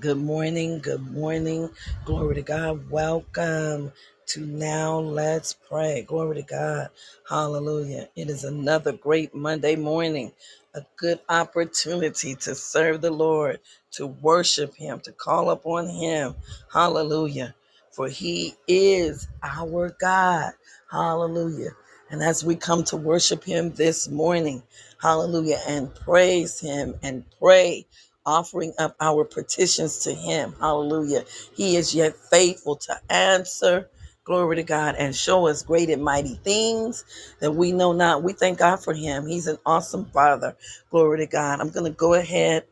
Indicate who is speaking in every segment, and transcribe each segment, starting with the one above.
Speaker 1: Good morning. Good morning. Glory to God. Welcome to Now Let's Pray. Glory to God. Hallelujah. It is another great Monday morning, a good opportunity to serve the Lord, to worship Him, to call upon Him. Hallelujah. For He is our God. Hallelujah. And as we come to worship Him this morning, hallelujah, and praise Him and pray offering up our petitions to Him. Hallelujah. He is yet faithful to answer. Glory to God and show us great and mighty things that we know not. We thank God for Him. He's an awesome Father. Glory to God. I'm going to go ahead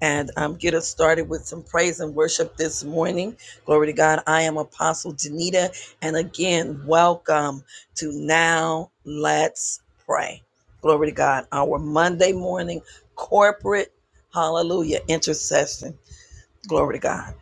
Speaker 1: and um, get us started with some praise and worship this morning. Glory to God. I am Apostle Danita. And again, welcome to Now Let's Pray. Glory to God. Our Monday morning corporate Hallelujah. Intercession. Glory to God.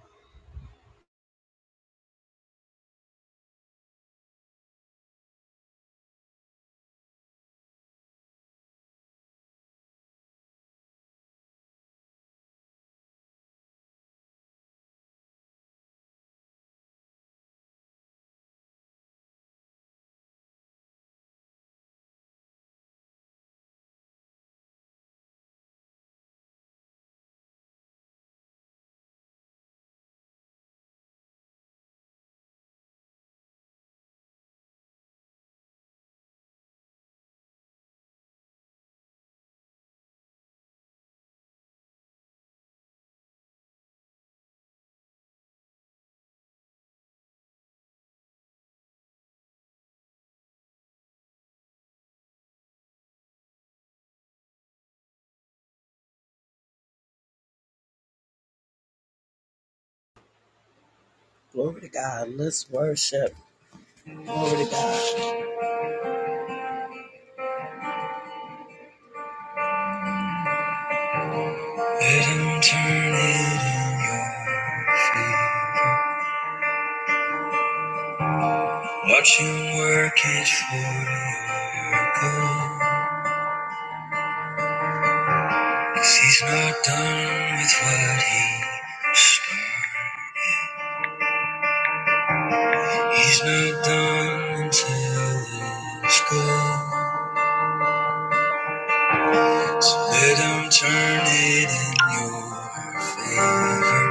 Speaker 1: Glory to God. Let's worship. Glory to God. You turn it in your favor. Watch him work it for your good. 'Cause he's not done with what he started. He's not done until it's good. So let him turn it in your favor.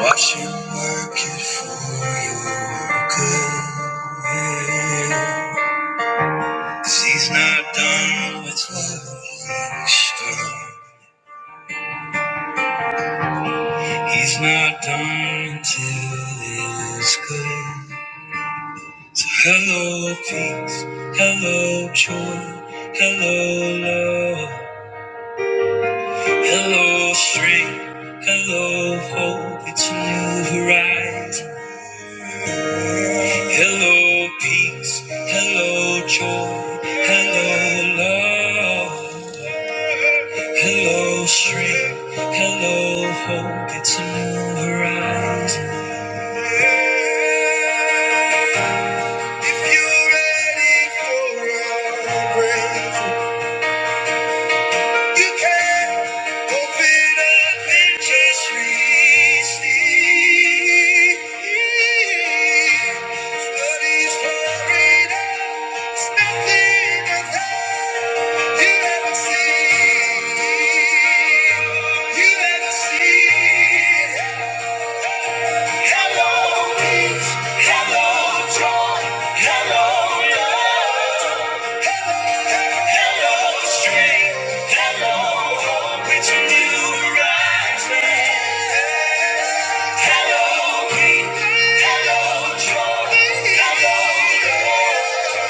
Speaker 1: Watch him work it for your good. 'Cause he's not done with what he's done. He's not done until it's good. So hello peace, hello joy, hello love. Hello, strength. Hello, hope. It's a new horizon. Hello, peace. Hello, joy. Hello, love. Hello, strength. Hello, hope. It's a new horizon. If you're ready for a breakthrough, you can open up and just reach deep. What is pouring out is nothing without you ever seen. You ever seen. Hello, peace. Hello, joy. Hello, love. Hello, strength. Hello, hope. It's a new horizon. Hello, peace. Hello, joy. Hello, love.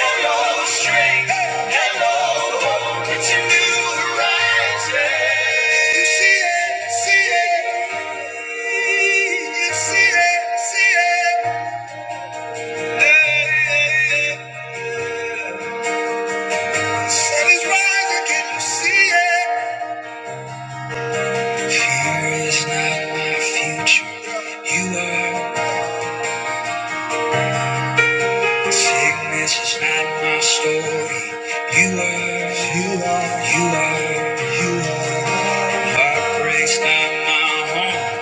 Speaker 1: Hello, strength. Hello, hope. It's a new horizon. You see it, see it. You see it, see it. Sun is rising, can you see it? Fear is not my future. You are. Sickness is not my story. You are. You are. You are. You are. Heartbreak's not my home.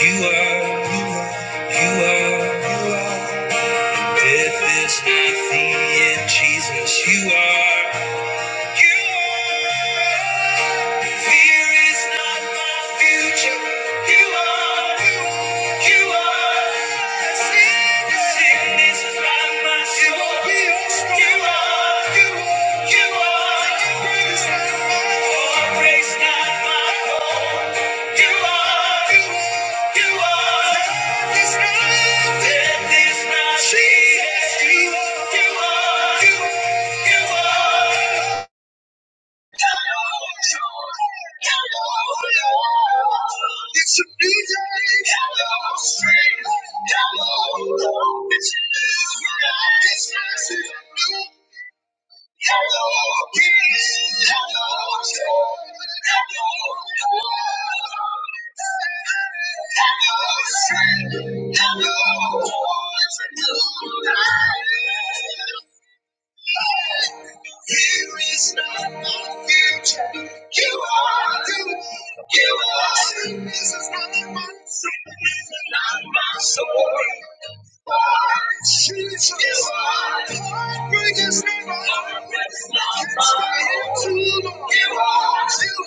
Speaker 1: You are. You are. You are. You are. Death is not the end, Jesus. You are. Jesus, you are, you are, you are. It's a new day. It's a new life. It's a new Hello, peace. joy. Hello, strength. Hello, it's a new life. Here is not my future. You are who you are. the This is not my secret, This is not my story. Jesus, you are the greatest name I ever heard. You are you.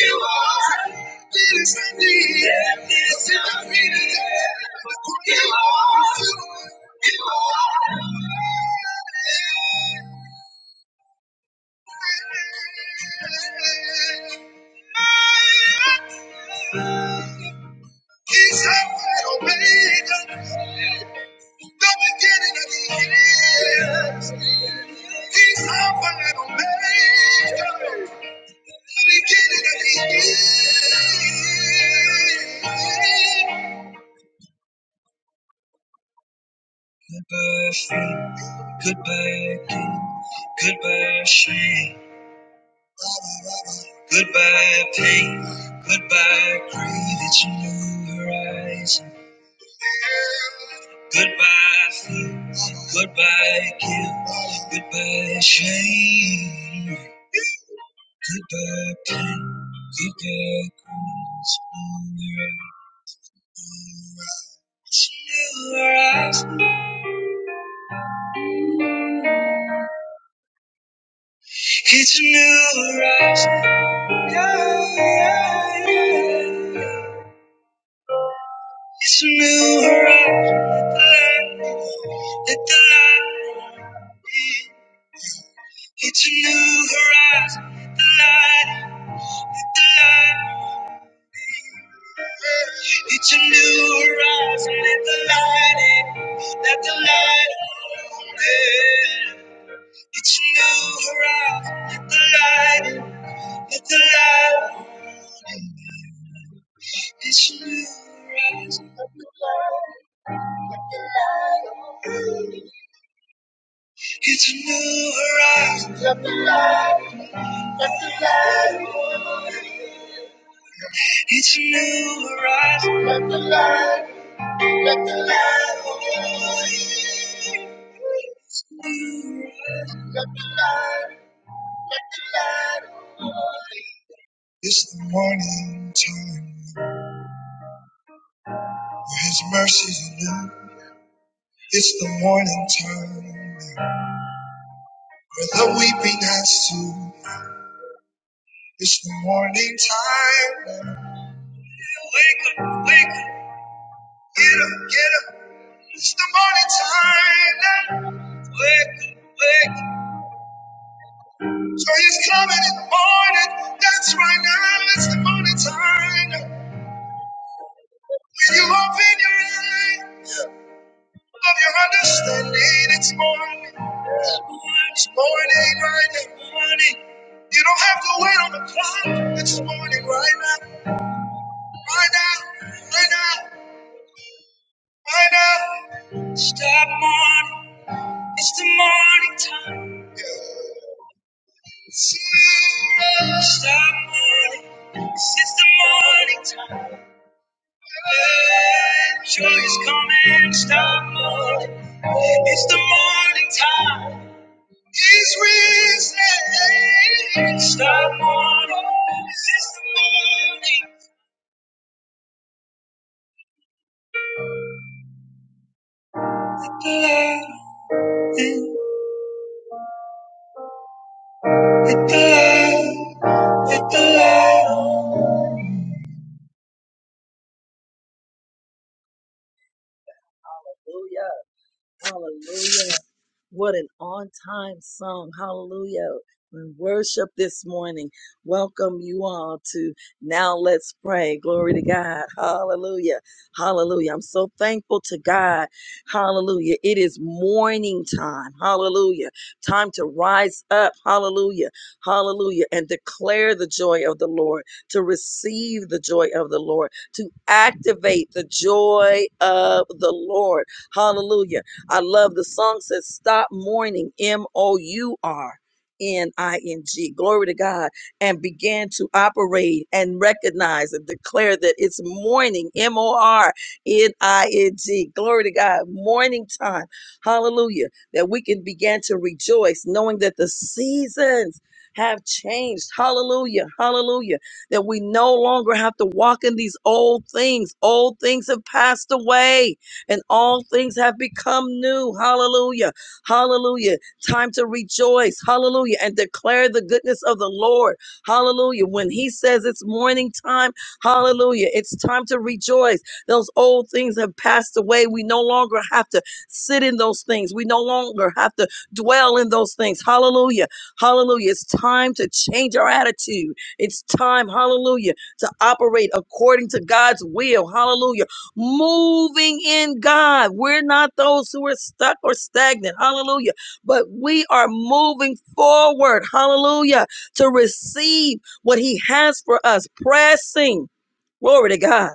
Speaker 1: You are it is the need. It's not me. You are you. You are. He's Alpha and Omega, the beginning and the end. He's Alpha and Omega, the beginning and the end. Goodbye, fear. Goodbye, pain. Goodbye, shame. Goodbye, pain. Goodbye, grief. It's a new horizon. Goodbye, fear. Goodbye, guilt. Goodbye, shame. Goodbye, pain. Goodbye, grief. It's a new horizon. It's a new horizon. It's a new horizon. Yeah, yeah, yeah. It's a new horizon, let the light, let the light in. It's a new horizon, let the light, let the light in. It's a new horizon, let the light in, let the light roll in. It's a new horizon, let the light in, let the light roll in. It's a new horizon, it's a new horizon, let the light, let the light roll in. It's a new horizon. Let the light, let the light of God. It's a new horizon. Let the light, let the light of God. It's the morning time where His mercies are new. It's the morning time where the weeping has to. It's the morning time. Wake up, wake up, get up, get up. It's the morning time. Wake up, wake up. So he's coming in the morning. That's right now. It's the morning time. When you open your eye of your understanding, it's morning. It's morning right now. Morning. You don't have to wait on the clock. It's morning right now. Right now. Right now. Right now. Stop morning. It's the morning time. Stop morning. It's the morning time. Joy is coming, stop moving. It's the morning time. It's risen. Stop morning. It's the morning. The light, the light, the light. Hallelujah. Hallelujah. What an on time song. Hallelujah. And worship this morning. Welcome you all to Now Let's Pray. Glory to God. Hallelujah. Hallelujah. I'm so thankful to God. Hallelujah. It is morning time. Hallelujah. Time to rise up. Hallelujah. Hallelujah. And declare the joy of the Lord, to receive the joy of the Lord, to activate the joy of the Lord. Hallelujah I love the song says stop mourning, M O U R N I N G. Glory to God. And began to operate and recognize and declare that it's morning, M O R N I N G. Glory to God. Morning time. Hallelujah. That we can begin to rejoice knowing that the seasons have changed. Hallelujah. Hallelujah. That we no longer have to walk in these old things. Old things have passed away and all things have become new. Hallelujah. Hallelujah. Time to rejoice. Hallelujah. And declare the goodness of the Lord. Hallelujah. When he says it's morning time, hallelujah. It's time to rejoice. Those old things have passed away. We no longer have to sit in those things. We no longer have to dwell in those things. Hallelujah. Hallelujah. It's time to change our attitude. It's time, hallelujah, to operate according to God's will. Hallelujah moving in God. We're not those who are stuck or stagnant. Hallelujah. But we are moving forward. Hallelujah. To receive what He has for us, pressing. Glory to God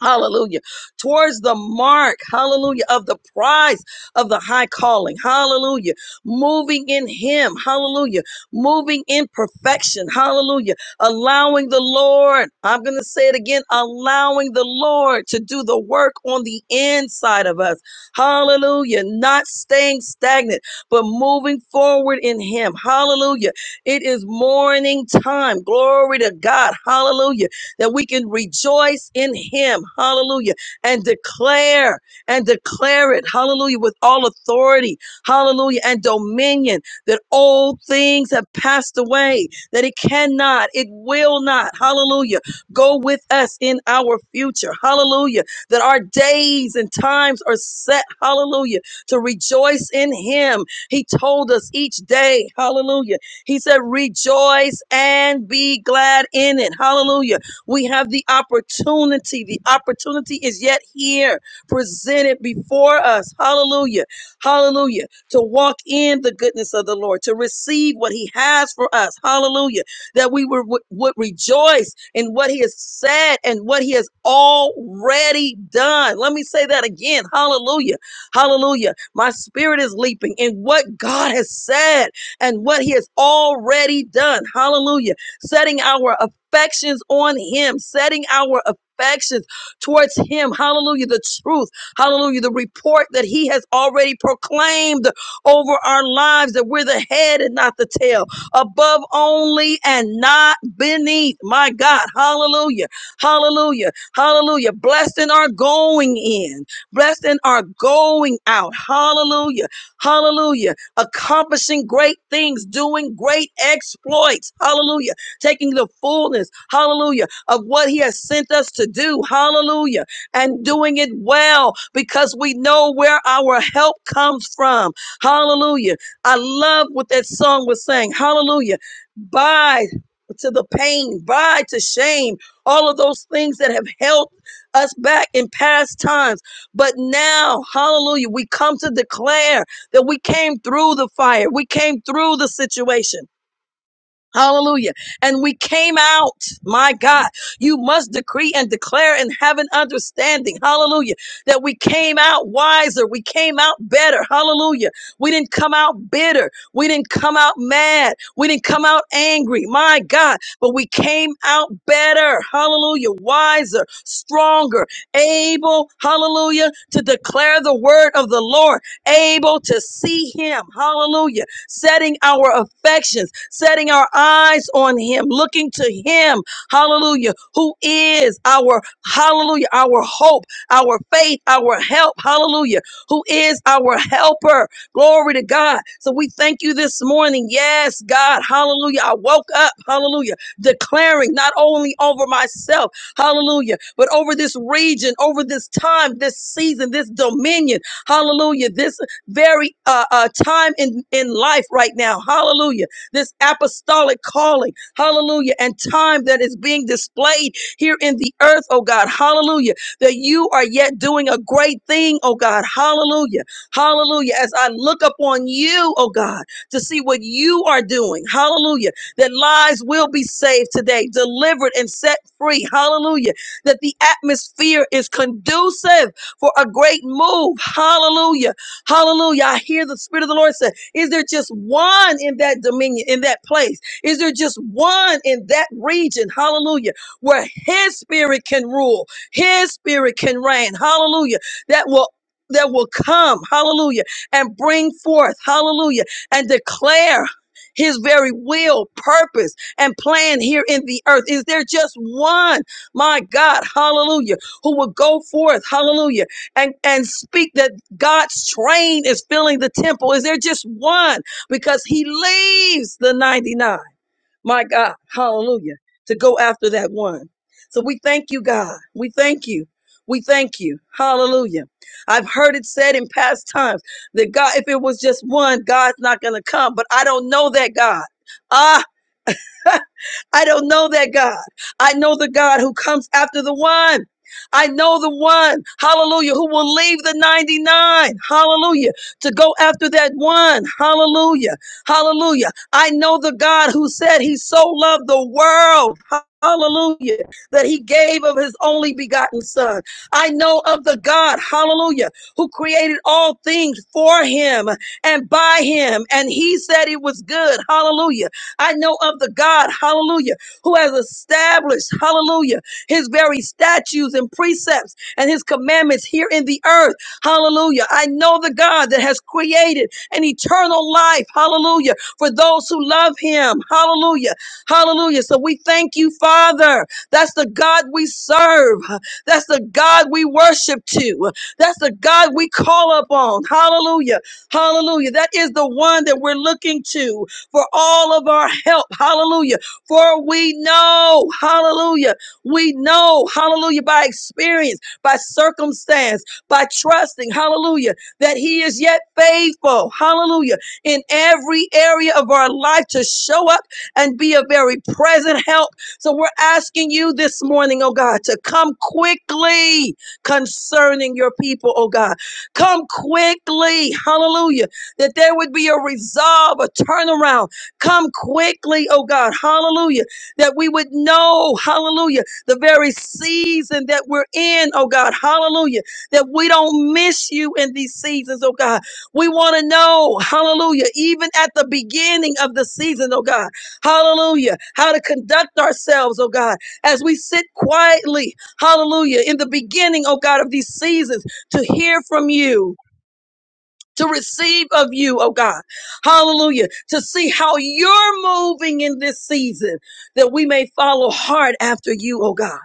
Speaker 1: Hallelujah. Towards the mark, hallelujah, of the prize of the high calling. Hallelujah. Moving in Him. Hallelujah. Moving in perfection. Hallelujah. Allowing the Lord, I'm going to say it again, allowing the Lord to do the work on the inside of us. Hallelujah. Not staying stagnant, but moving forward in Him. Hallelujah. It is morning time. Glory to God. Hallelujah that we can rejoice in him. Hallelujah. And declare and declare it. Hallelujah. With all authority. Hallelujah. And dominion that old things have passed away, that it cannot, it will not. Hallelujah. Go with us in our future. Hallelujah. That our days and times are set. Hallelujah. To rejoice in him. He told us each day. Hallelujah. He said, rejoice and be glad in it. Hallelujah we have the opportunity. The opportunity is yet here, presented before us. Hallelujah. Hallelujah. To walk in the goodness of the Lord, to receive what He has for us. Hallelujah. That we were, would, would rejoice in what He has said and what He has already done. Let me say that again. Hallelujah. Hallelujah. My spirit is leaping in what God has said and what He has already done. Hallelujah setting our affections on him, setting our affections towards him. Hallelujah. The truth. Hallelujah. The report that he has already proclaimed over our lives that we're the head and not the tail, above only and not beneath. My God. Hallelujah. Hallelujah. Hallelujah. Blessed in our going in, blessed in our going out. Hallelujah. Hallelujah. Accomplishing great things, doing great exploits. Hallelujah taking the fullness, hallelujah, of what He has sent us to do, hallelujah, and doing it well because we know where our help comes from, hallelujah. I love what that song was saying, hallelujah. By to the pain, by to shame, all of those things that have held us back in past times. But now, hallelujah, we come to declare that we came through the fire, we came through the situation. Hallelujah. And we came out. My God, you must decree and declare and have an understanding. Hallelujah. That we came out wiser. We came out better. Hallelujah. We didn't come out bitter. We didn't come out mad. We didn't come out angry. My God, but we came out better. Hallelujah. Wiser, stronger, able. Hallelujah. To declare the word of the Lord, able to see him. Hallelujah setting our affections, setting our eyes on Him, looking to Him, hallelujah, who is our, hallelujah, our hope, our faith, our help, hallelujah, who is our helper. Glory to God. So we thank you this morning. Yes, God, hallelujah. I woke up, hallelujah, declaring not only over myself, hallelujah, but over this region, over this time, this season, this dominion, hallelujah, this very uh, uh, time in, in life right now. Hallelujah. This apostolic calling. Hallelujah. And time that is being displayed here in the earth, oh God. Hallelujah. That you are yet doing a great thing, oh God. Hallelujah. Hallelujah. As I look upon you, oh God, to see what you are doing. Hallelujah. That lives will be saved today, delivered and set free. Hallelujah. That the atmosphere is conducive for a great move. Hallelujah Hallelujah. I hear the Spirit of the Lord say, Is there just one in that dominion, in that place? Is there just one in that region? Hallelujah. Where His Spirit can rule, His Spirit can reign. Hallelujah. That will that will come, hallelujah, and bring forth, hallelujah, and declare his very will, purpose, and plan here in the earth. Is there just one, my God, hallelujah, who will go forth, hallelujah, and, and speak that God's train is filling the temple. Is there just one? Because he leaves the 99. My God, hallelujah, to go after that one. So we thank you, God. We thank you. We thank you. Hallelujah. I've heard it said in past times that God, if it was just one, God's not going to come. But I don't know that God. Ah, I don't know that God. I know the God who comes after the one. I know the one, hallelujah, who will leave the 99, hallelujah, to go after that one, hallelujah, hallelujah. I know the God who said he so loved the world, hallelujah, that he gave of his only begotten son. I know of the God, hallelujah, who created all things for him and by him, and he said it was good, hallelujah. I know of the God, hallelujah, who has established, hallelujah, his very statutes and precepts and his commandments here in the earth, hallelujah. I know the God that has created an eternal life, hallelujah, for those who love him, hallelujah, hallelujah. So we thank you, Father. That's the God we serve, that's the God we worship to, that's the God we call upon, hallelujah, hallelujah. That is the one that we're looking to for all of our help. Hallelujah. For we know, hallelujah, we know, hallelujah, by experience, by circumstance, by trusting, hallelujah, that He is yet faithful, hallelujah, in every area of our life to show up and be a very present help. So we're asking you this morning, oh God, to come quickly concerning your people, oh God. Come quickly, hallelujah that there would be a resolve, a turnaround. Come quickly, oh God, hallelujah, that we would know, hallelujah, the very season that we're in, oh God, hallelujah, that we don't miss you in these seasons, oh God. We want to know, hallelujah, even at the beginning of the season, oh God, hallelujah, how to conduct ourselves, oh God, as we sit quietly, hallelujah, in the beginning, oh God, of these seasons to hear from you to receive of you, oh God. Hallelujah. To see how you're moving in this season that we may follow hard after you, oh God.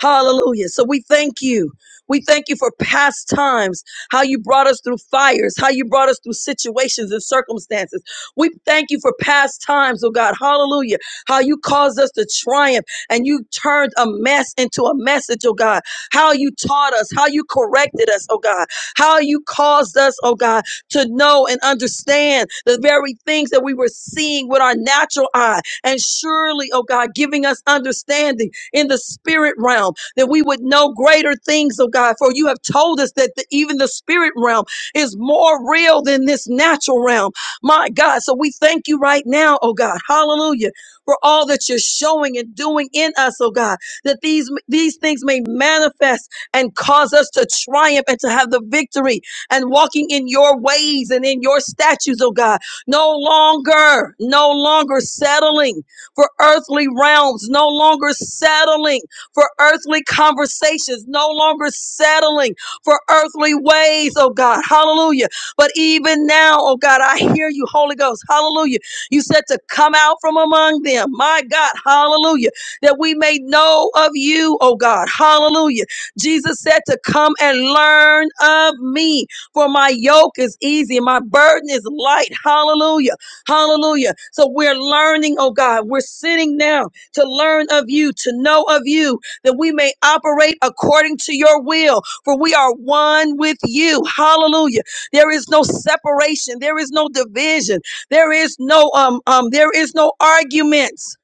Speaker 1: Hallelujah. So we thank you. We thank you for past times, how you brought us through fires, how you brought us through situations and circumstances. We thank you for past times, oh God. Hallelujah. How you caused us to triumph and you turned a mess into a message, oh God. How you taught us, how you corrected us, oh God. How you caused us, oh God, to know and understand the very things that we were seeing with our natural eye. And surely, oh God, giving us understanding in the spirit realm that we would know greater things, oh God, for you have told us that the, even the spirit realm is more real than this natural realm. My God, so we thank you right now, oh God, hallelujah, for all that you're showing and doing in us, oh God, that these, these things may manifest and cause us to triumph and to have the victory and walking in your ways and in your statutes, oh God. No longer, no longer settling for earthly realms, no longer settling for earthly conversations, no longer settling for earthly ways, oh God. Hallelujah. But even now, oh God, I hear you, Holy Ghost. Hallelujah. You said to come out from among them, my God. Hallelujah. That we may know of you, oh God. Hallelujah. Jesus said to come and learn of me. For my yoke is easy, my burden is light. Hallelujah. Hallelujah. So we're learning, oh God. We're sitting now to learn of you, to know of you, that we may operate according to your will. For we are one with you. Hallelujah. There is no separation. There is no division. There is no um um there is no arguments.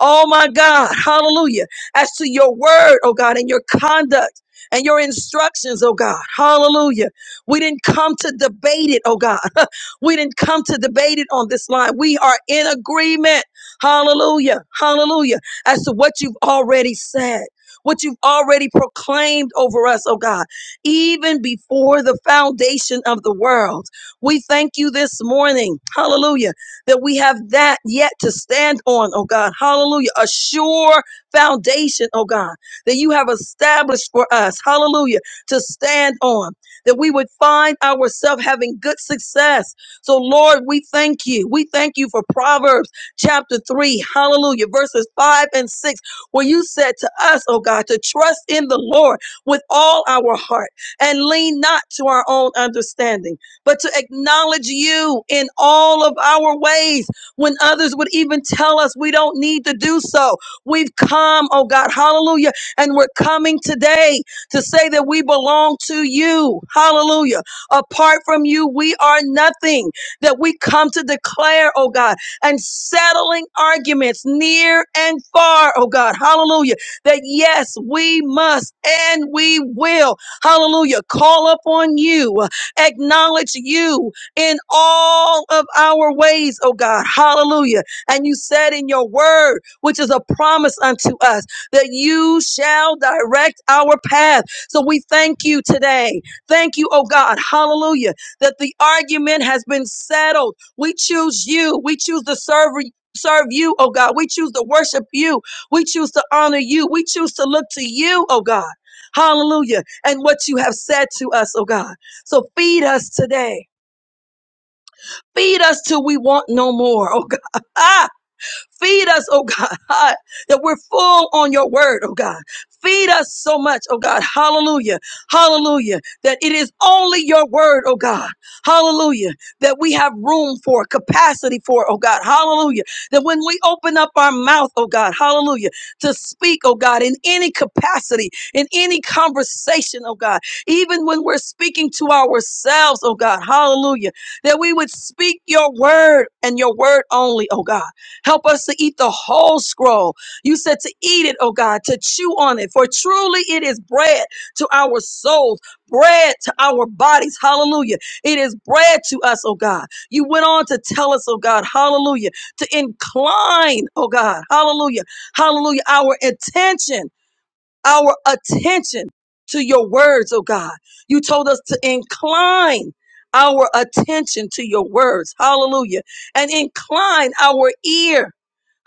Speaker 1: Oh my God, hallelujah. As to your word, oh God, and your conduct and your instructions, oh God, hallelujah. We didn't come to debate it, oh God. we didn't come to debate it on this line. We are in agreement. Hallelujah. Hallelujah. As to what you've already said. What you've already proclaimed over us, oh God, even before the foundation of the world. We thank you this morning, hallelujah, that we have that yet to stand on, oh God, hallelujah, a sure foundation, oh God, that you have established for us, hallelujah, to stand on that we would find ourselves having good success. So, Lord, we thank you. We thank you for Proverbs chapter 3, hallelujah, verses 5 and 6, where you said to us, oh God, to trust in the Lord with all our heart and lean not to our own understanding, but to acknowledge you in all of our ways when others would even tell us we don't need to do so. We've come, oh God, hallelujah, and we're coming today to say that we belong to you. Hallelujah. Apart from you, we are nothing. That we come to declare, oh God, and settling arguments near and far, oh God. Hallelujah. That yes, we must and we will. Hallelujah. Call upon you, acknowledge you in all of our ways, oh God. Hallelujah. And you said in your word, which is a promise unto us that you shall direct our path. So we thank you today. Thank you, oh God, hallelujah, that the argument has been settled. We choose you. We choose to serve Serve you, oh God. We choose to worship you. We choose to honor you. We choose to look to you, oh God. Hallelujah. And what you have said to us, oh God. So feed us today. Feed us till we want no more, oh God. Feed us, oh God, ah, that we're full on your word, oh God. Feed us so much, oh God. Hallelujah. Hallelujah. That it is only your word, oh God. Hallelujah. That we have room for, capacity for, oh God. Hallelujah. That when we open up our mouth, oh God, hallelujah, to speak, oh God, in any capacity, in any conversation, oh God, even when we're speaking to ourselves, oh God, hallelujah, that we would speak your word and your word only, oh God. Help us to eat the whole scroll. You said to eat it, oh God, to chew on it, for truly it is bread to our souls, bread to our bodies. Hallelujah. It is bread to us, oh God. You went on to tell us, oh God, hallelujah, to incline, oh God, hallelujah, hallelujah, our attention our attention to your words, oh God. You told us to incline our attention to your words. Hallelujah. And incline our ear.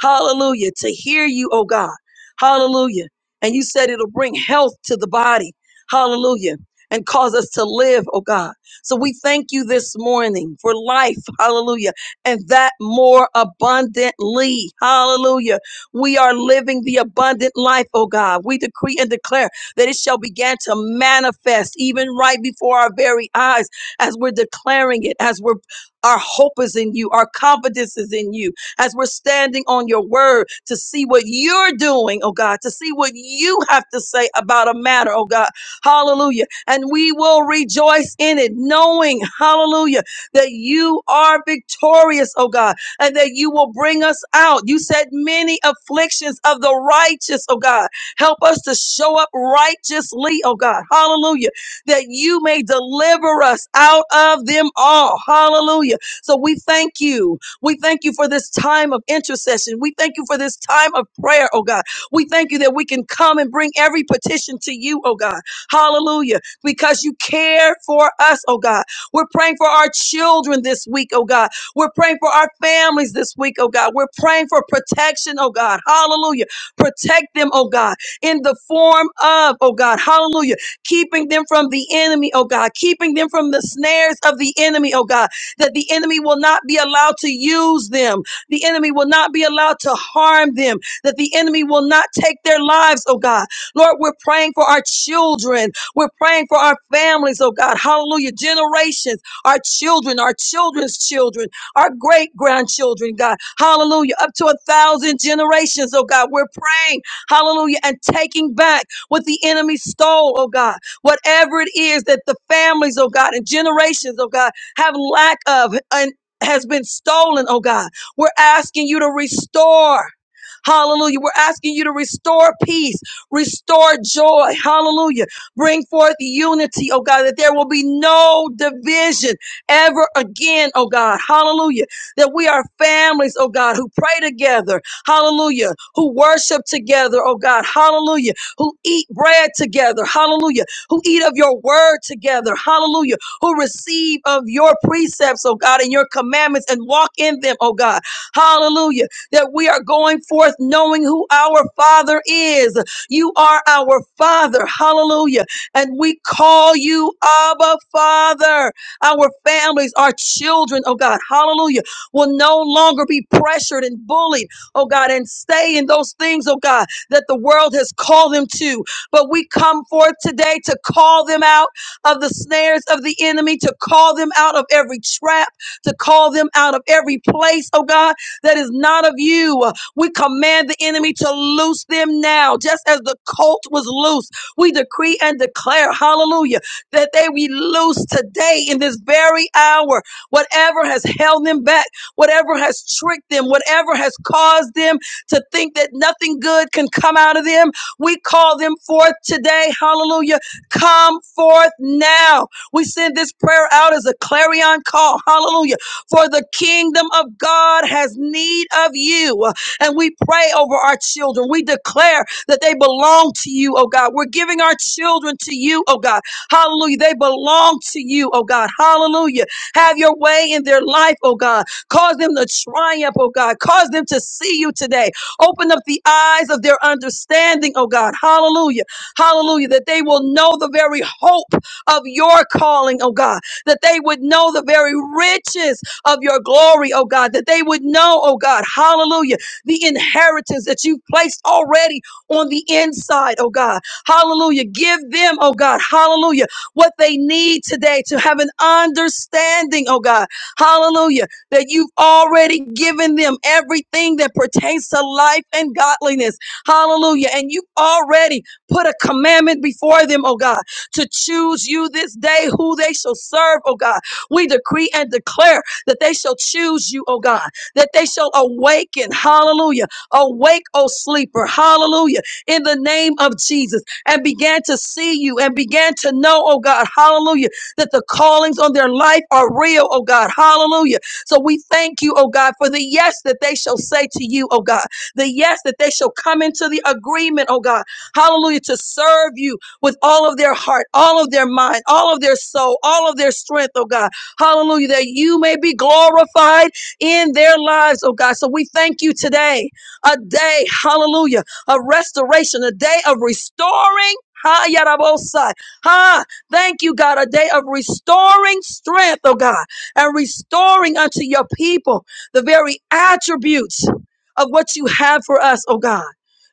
Speaker 1: Hallelujah. To hear you, oh God. Hallelujah. And you said it'll bring health to the body. Hallelujah. And cause us to live, oh God. So we thank you this morning for life. Hallelujah. And that more abundantly. Hallelujah we are living the abundant life, oh God. We decree and declare that it shall begin to manifest even right before our very eyes as we're declaring it, as we're our hope is in you, our confidence is in you, as we're standing on your word to see what you're doing, oh God, to see what you have to say about a matter, oh God. Hallelujah. And we will rejoice in it, knowing, hallelujah, that you are victorious, oh God and that you will bring us out. You said many afflictions of the righteous, oh God. Help us to show up righteously, oh God. Hallelujah. That you may deliver us out of them all. Hallelujah. So we thank you. We thank you for this time of intercession. We thank you for this time of prayer, oh God. We thank you that we can come and bring every petition to you, oh God. Hallelujah. Because you care for us, oh God. We're praying for our children this week, oh God we're praying for our families this week, oh God. We're praying for protection, oh God. Hallelujah. Protect them, oh God, in the form of, oh God. Hallelujah. Keeping them from the enemy, oh God. Keeping them from the snares of the enemy, oh God. That the enemy will not be allowed to use them. The enemy will not be allowed to harm them. That the enemy will not take their lives, oh God. Lord, we're praying for our children. We're praying for our families, oh God. Hallelujah. Generations, our children, our children's children our great grandchildren, God. Hallelujah. Up to a thousand generations, oh God. We're praying, hallelujah, and taking back what the enemy stole, oh God. Whatever it is that the families, oh God, and generations, oh God, have lack of and has been stolen, oh God. We're asking you to restore. Hallelujah. We're asking you to restore peace, restore joy. Hallelujah. Bring forth unity, oh God, that there will be no division ever again, oh God. Hallelujah. That we are families, oh God, who pray together. Hallelujah. Who worship together, oh God. Hallelujah. Who eat bread together. Hallelujah. Who eat of your word together. Hallelujah. Who receive of your precepts, oh God, and your commandments and walk in them, oh God. Hallelujah. That we are going forth knowing who our Father is. You are our Father. Hallelujah. And we call you Abba Father. Our families, our children, oh God, hallelujah, will no longer be pressured and bullied, oh God, and stay in those things, oh God, that the world has called them to. But we come forth today to call them out of the snares of the enemy, to call them out of every trap, to call them out of every place, oh God, that is not of you. We command the enemy to loose them now, just as the colt was loose. We decree and declare, hallelujah that they we loose today in this very hour. Whatever has held them back, whatever has tricked them, whatever has caused them to think that nothing good can come out of them, we call them forth today. Hallelujah. Come forth now. We send this prayer out as a clarion call. Hallelujah. For the kingdom of God has need of you. And we pray over our children. We declare that they belong to you, oh God. We're giving our children to you, oh God. Hallelujah. They belong to you, oh God. Hallelujah. Have your way in their life, oh God. Cause them to triumph, oh God. Cause them to see you today. Open up the eyes of their understanding, oh God. Hallelujah. Hallelujah. That they will know the very hope of your calling, oh God. That they would know the very riches of your glory, oh God. That they would know, oh God. Hallelujah. The inheritance that you've placed already on the inside, oh God. Hallelujah. Give them, oh God, hallelujah, what they need today to have an understanding, oh God, hallelujah, that you've already given them everything that pertains to life and godliness. Hallelujah. And you've already put a commandment before them, oh God, to choose you this day who they shall serve, oh God. We decree and declare that they shall choose you, oh God, that they shall awaken, hallelujah. Awake, oh sleeper, hallelujah, in the name of Jesus and began to see you and began to know, oh God, hallelujah, that the callings on their life are real, oh God, hallelujah. So we thank you, oh God, for the yes that they shall say to you, oh God, the yes that they shall come into the agreement, oh God, hallelujah, to serve you with all of their heart, all of their mind, all of their soul, all of their strength, oh God, hallelujah, that you may be glorified in their lives, oh God. So we thank you today, a day, hallelujah of restoration, a day of restoring. Ha, yarabosai. Ha, thank you, God, a day of restoring strength, oh God, and restoring unto your people the very attributes of what you have for us, oh God.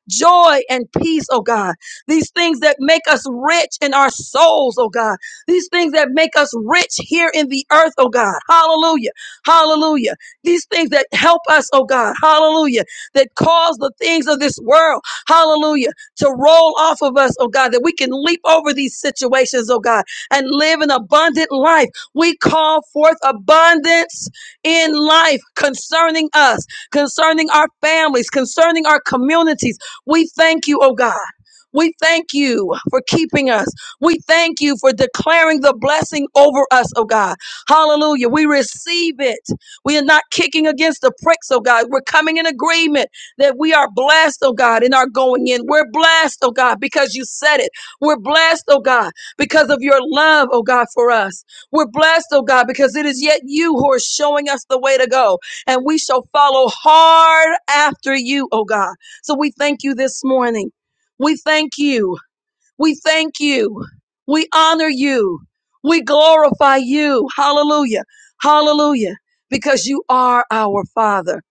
Speaker 1: Joy and peace, oh God. These things that make us rich in our souls, oh God. These things that make us rich here in the earth, oh God. Hallelujah. Hallelujah. These things that help us, oh God. Hallelujah. That cause the things of this world. Hallelujah. To roll off of us, oh God, that we can leap over these situations, oh God, and live an abundant life. We call forth abundance in life concerning us, concerning our families, concerning our communities. We thank you, oh God. We thank you for keeping us. We thank you for declaring the blessing over us, oh God. Hallelujah. We receive it. We are not kicking against the pricks, oh God. We're coming in agreement that we are blessed, oh God, in our going in. We're blessed, oh God, because you said it. We're blessed, oh God, because of your love, oh God, for us. We're blessed, oh God, because it is yet you who are showing us the way to go, and we shall follow hard after you, oh God. So we thank you this morning. We thank you. We thank you. We honor you. We glorify you. Hallelujah. Hallelujah. Because you are our Father.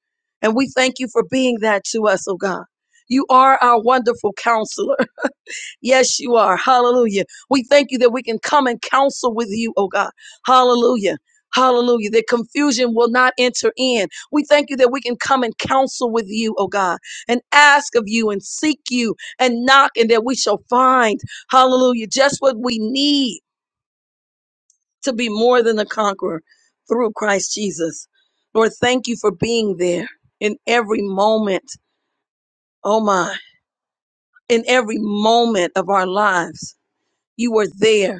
Speaker 1: And we thank you for being that to us, oh God. You are our wonderful counselor. Yes, you are. Hallelujah. We thank you that we can come and counsel with you, oh God. Hallelujah. Hallelujah. That confusion will not enter in. We thank you that we can come and counsel with you, oh God, and ask of you and seek you and knock, and that we shall find, hallelujah, just what we need to be more than a conqueror through Christ Jesus. Lord, thank you for being there in every moment, oh my, in every moment of our lives. You were there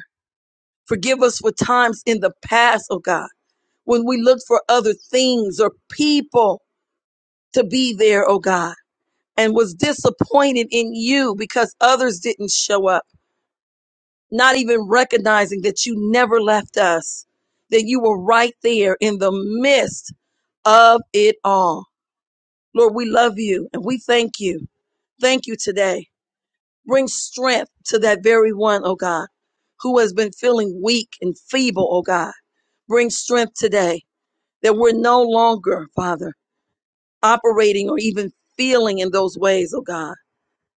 Speaker 1: Forgive us for times in the past, oh God, when we looked for other things or people to be there, oh God, and was disappointed in you because others didn't show up, not even recognizing that you never left us, that you were right there in the midst of it all. Lord, we love you and we thank you. Thank you today. Bring strength to that very one, oh God, who has been feeling weak and feeble, oh God. Bring strength today that we're no longer, Father, operating or even feeling in those ways, oh God.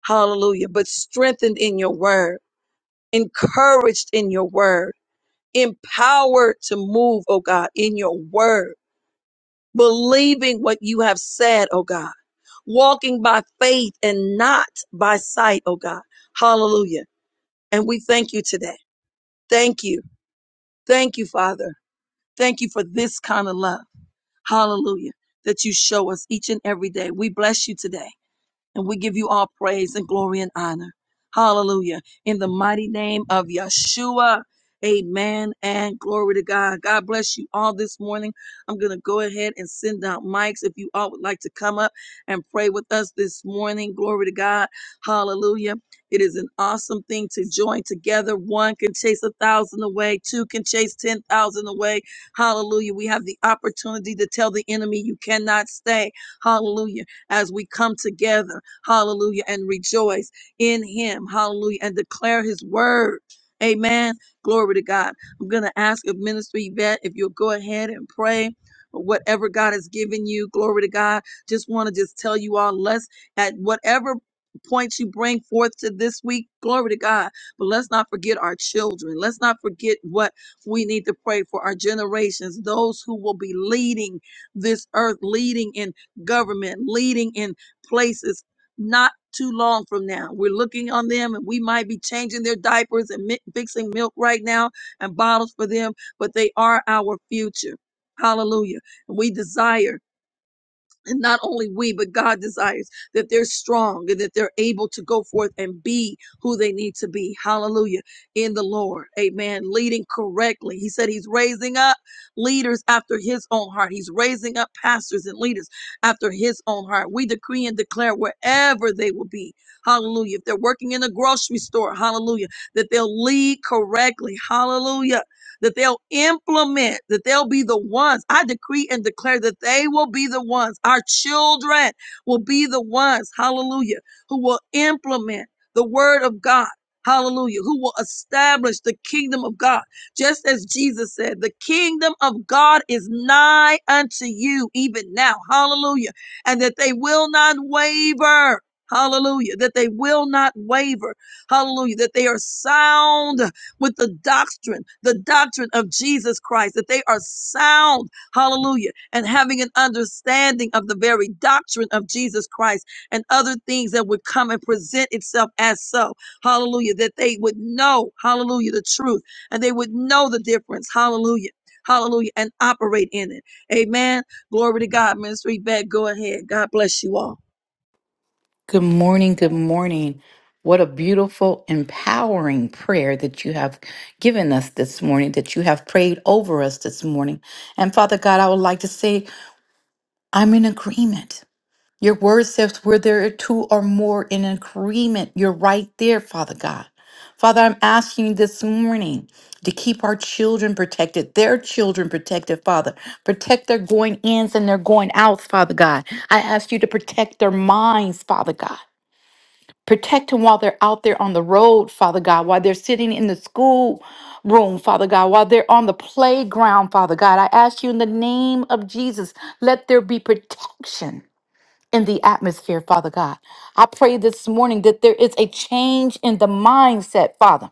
Speaker 1: Hallelujah. But strengthened in your word, encouraged in your word, empowered to move, oh God, in your word, believing what you have said, oh God, walking by faith and not by sight, oh God. Hallelujah. And we thank you today. Thank you. Thank you, Father. Thank you for this kind of love. Hallelujah. That you show us each and every day. We bless you today. And we give you all praise and glory and honor. Hallelujah. In the mighty name of Yeshua. Amen and glory to God. God bless you all this morning. I'm going to go ahead and send out mics if you all would like to come up and pray with us this morning. Glory to God. Hallelujah. It is an awesome thing to join together. One can chase a thousand away, two can chase 10,000 away. Hallelujah. We have the opportunity to tell the enemy, you cannot stay. Hallelujah. As we come together. Hallelujah. And rejoice in him. Hallelujah. And declare his word. Amen. Glory to God. I'm going to ask a Minister Yvette if you'll go ahead and pray. for Whatever God has given you, glory to God. Just want to just tell you all, let's at whatever points you bring forth to this week, glory to God. But let's not forget our children. Let's not forget what we need to pray for our generations, those who will be leading this earth, leading in government, leading in places not too long from now. We're looking on them and we might be changing their diapers and mi- fixing milk right now and bottles for them, but they are our future. Hallelujah. And we desire and not only we, but God desires that they're strong and that they're able to go forth and be who they need to be. Hallelujah. In the Lord. Amen. Leading correctly. He said he's raising up leaders after his own heart. He's raising up pastors and leaders after his own heart. We decree and declare wherever they will be. Hallelujah. If they're working in a grocery store, hallelujah, that they'll lead correctly. Hallelujah that they'll implement, that they'll be the ones. I decree and declare that they will be the ones. Our children will be the ones, hallelujah, who will implement the word of God. Hallelujah. Who will establish the kingdom of God? Just as Jesus said, the kingdom of God is nigh unto you even now. Hallelujah. And that they will not waver. Hallelujah. That they will not waver. Hallelujah. That they are sound with the doctrine, the doctrine of Jesus Christ, that they are sound, hallelujah, and having an understanding of the very doctrine of Jesus Christ and other things that would come and present itself as so, hallelujah, that they would know, hallelujah, the truth and they would know the difference, hallelujah. Hallelujah, and operate in it. Amen. Glory to God. Ministry back. Go ahead. God bless you all.
Speaker 2: Good morning. Good morning. What a beautiful, empowering prayer that you have given us this morning, that you have prayed over us this morning. And Father God, I would like to say, I'm in agreement. Your word says, where there are two or more in agreement, you're right there, Father God. Father, I'm asking you this morning to keep our children protected, their children protected, Father. Protect their going ins and their going outs, Father God. I ask you to protect their minds, Father God. Protect them while they're out there on the road, Father God, while they're sitting in the school room, Father God, while they're on the playground, Father God. I ask you in the name of Jesus, let there be protection in the atmosphere, Father God. I pray this morning that there is a change in the mindset, Father.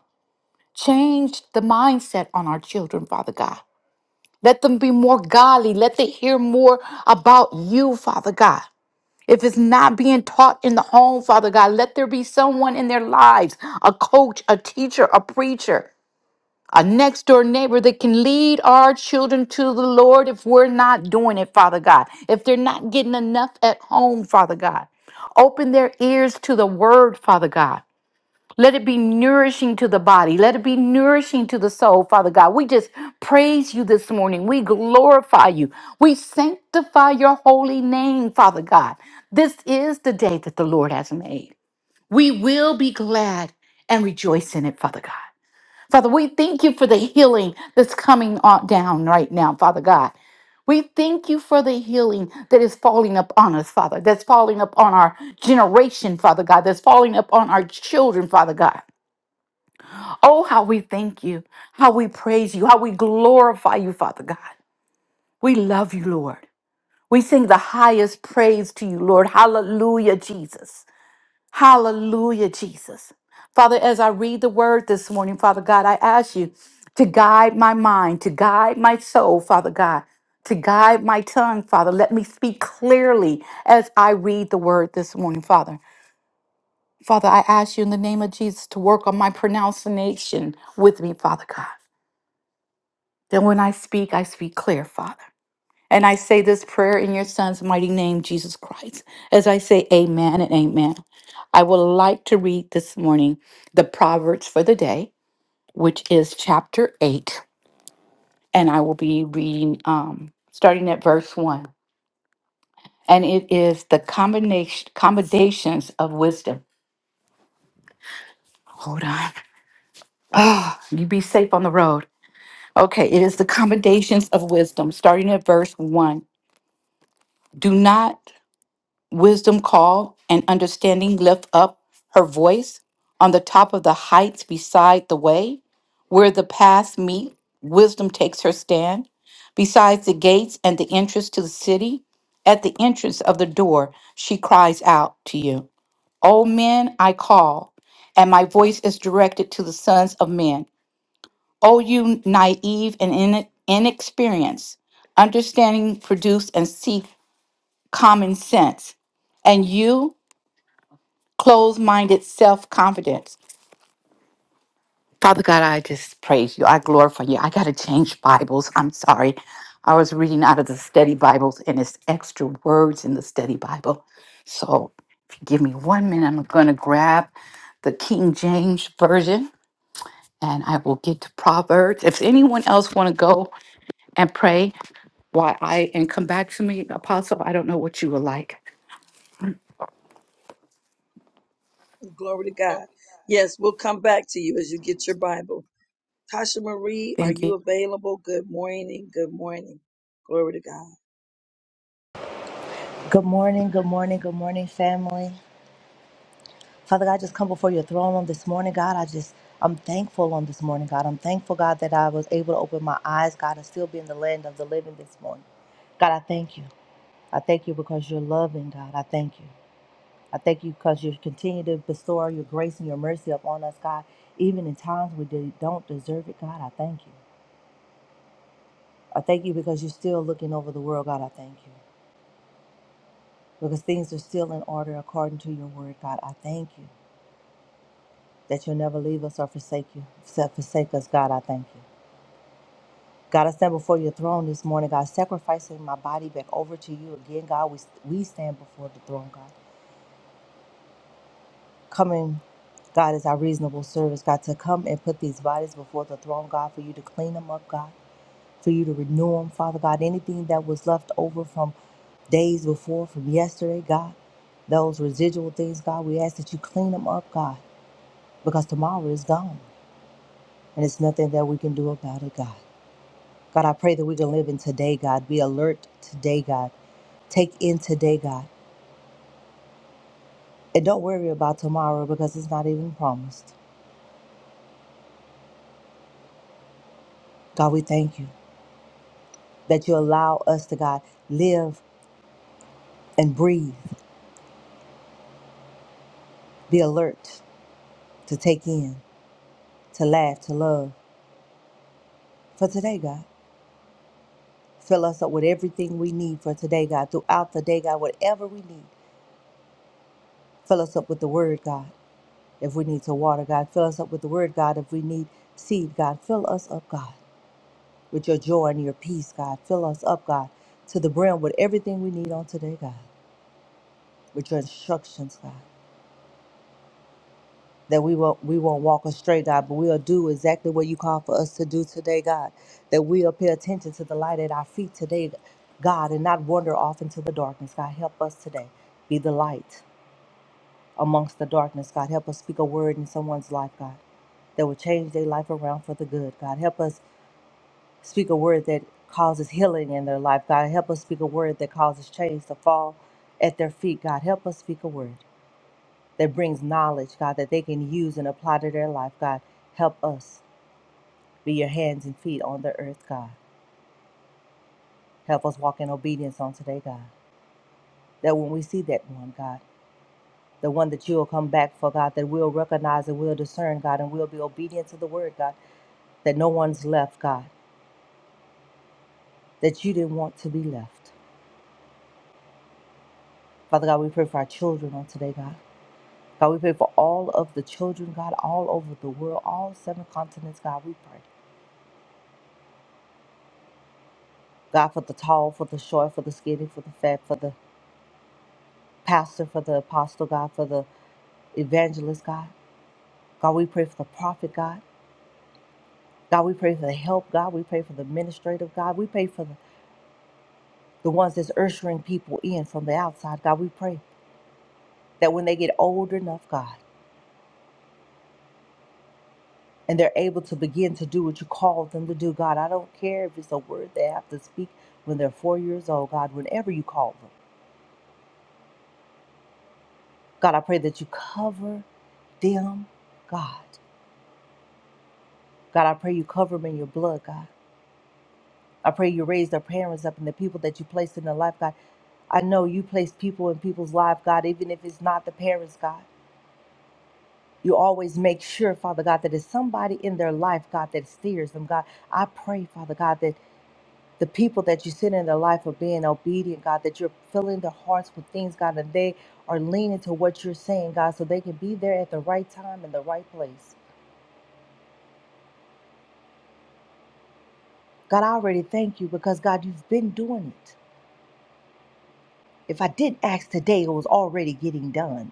Speaker 2: Change the mindset on our children, Father God. Let them be more godly. Let them hear more about you, Father God. If it's not being taught in the home, Father God, let there be someone in their lives a coach, a teacher, a preacher, a next door neighbor that can lead our children to the Lord if we're not doing it, Father God. If they're not getting enough at home, Father God. Open their ears to the word, Father God. Let it be nourishing to the body. Let it be nourishing to the soul, Father God. We just praise you this morning. We glorify you. We sanctify your holy name, Father God. This is the day that the Lord has made. We will be glad and rejoice in it, Father God. Father, we thank you for the healing that's coming on down right now, Father God. We thank you for the healing that is falling upon us, Father, that's falling upon our generation, Father God, that's falling upon our children, Father God. Oh, how we thank you, how we praise you, how we glorify you, Father God. We love you, Lord. We sing the highest praise to you, Lord. Hallelujah, Jesus. Hallelujah, Jesus. Father, as I read the word this morning, Father God, I ask you to guide my mind, to guide my soul, Father God, to guide my tongue, Father. Let me speak clearly as I read the word this morning, Father. Father, I ask you in the name of Jesus to work on my pronunciation with me, Father God. Then when I speak, I speak clear, Father. And I say this prayer in your Son's mighty name, Jesus Christ. As I say amen and amen, I would like to read this morning the Proverbs for the day, which is chapter 8. And I will be reading um, starting at verse 1. And it is the combination commendations of wisdom. Hold on. Oh, you be safe on the road. Okay, it is the commendations of wisdom, starting at verse 1. Do not Wisdom call and understanding lift up her voice on the top of the heights beside the way, where the paths meet, wisdom takes her stand, besides the gates and the entrance to the city, at the entrance of the door, she cries out to you. O men, I call, and my voice is directed to the sons of men. O you naive and in- inexperienced, understanding produce and seek common sense. And you closed minded self confidence. Father God, I just praise you. I glorify you. I got to change Bibles. I'm sorry. I was reading out of the study Bibles and it's extra words in the study Bible. So if you give me one minute, I'm going to grab the King James Version and I will get to Proverbs. If anyone else want to go and pray, why I and come back to me, Apostle, I don't know what you would like.
Speaker 1: Glory to God. Yes, we'll come back to you as you get your Bible. Tasha Marie, are
Speaker 2: Thank you.
Speaker 1: you available? Good morning. Good morning. Glory to God.
Speaker 3: Good morning, good morning, good morning, family. Father God, I just come before your throne on this morning, God. I just, I'm thankful on this morning, God. I'm thankful, God, that I was able to open my eyes, God, and still be in the land of the living this morning. God, I thank you. I thank you because you're loving, God. I thank you. I thank you because you continue to bestow your grace and your mercy upon us, God, even in times we de- don't deserve it, God. I thank you. I thank you because you're still looking over the world, God. I thank you because things are still in order according to your word, God. I thank you. that you'll never leave us or forsake you, forsake us, God. I thank you. God, I stand before your throne this morning, God, sacrificing my body back over to you again, God. We, we stand before the throne, God. Coming, God, is our reasonable service, God, to come and put these bodies before the throne, God, for you to clean them up, God, for you to renew them, Father God. Anything that was left over from days before, from yesterday, God, those residual things, God, we ask that you clean them up, God, because tomorrow is gone and it's nothing that we can do about it, God. God, I pray that we can live in today, God. Be alert today, God. Take in today, God. And don't worry about tomorrow because it's not even promised. God, we thank you that you allow us to, God, live and breathe, be alert to take in, to laugh, to love for today, God. Fill us up with everything we need for today, God. Throughout the day, God, whatever we need, fill us up with the word, God. If we need to water, God, fill us up with the word, God. If we need seed, God, fill us up, God. with your joy and your peace, God. Fill us up, God, to the brim with everything we need on today, God, with your instructions, God. That we won't we won't walk astray, God, but we'll do exactly what you call for us to do today, God. That we'll pay attention to the light at our feet today, God, and not wander off into the darkness. God, help us today. Be the light amongst the darkness, God. Help us speak a word in someone's life, God, that will change their life around for the good. God, help us speak a word that causes healing in their life. God, help us speak a word that causes chains to fall at their feet. God, help us speak a word that brings knowledge, God, that they can use and apply to their life. God, help us be your hands and feet on the earth, God. Help us walk in obedience on today, God. That when we see that one, God, the one that you will come back for, God, that we'll recognize and we'll discern, God, and we'll be obedient to the word, God, that no one's left, God, that you didn't want to be left. Father God, we pray for our children on today, God. God, we pray for all of the children, God, all over the world, all seven continents, God, we pray. God, for the tall, for the short, for the skinny, for the fat, for the pastor, for the apostle, God, for the evangelist, God. God, we pray for the prophet, God. God, we pray for the help, God. We pray for the administrative, God. We pray for the, the ones that's ushering people in from the outside, God. We pray that when they get old enough, God, and they're able to begin to do what you called them to do, God, I don't care if it's a word they have to speak when they're four years old, God, whenever you call them. God, I pray that you cover them, God. God, I pray you cover them in your blood, God. I pray you raise their parents up and the people that you placed in their life, God. I know you place people in people's life, God, even if it's not the parents, God. You always make sure, Father God, that it's somebody in their life, God, that steers them, God. I pray, Father God, that the people that you send in their life are being obedient, God, that you're filling their hearts with things, God, and they are leaning to what you're saying, God, so they can be there at the right time in the right place. God, I already thank you because God, you've been doing it. If I didn't ask today, it was already getting done.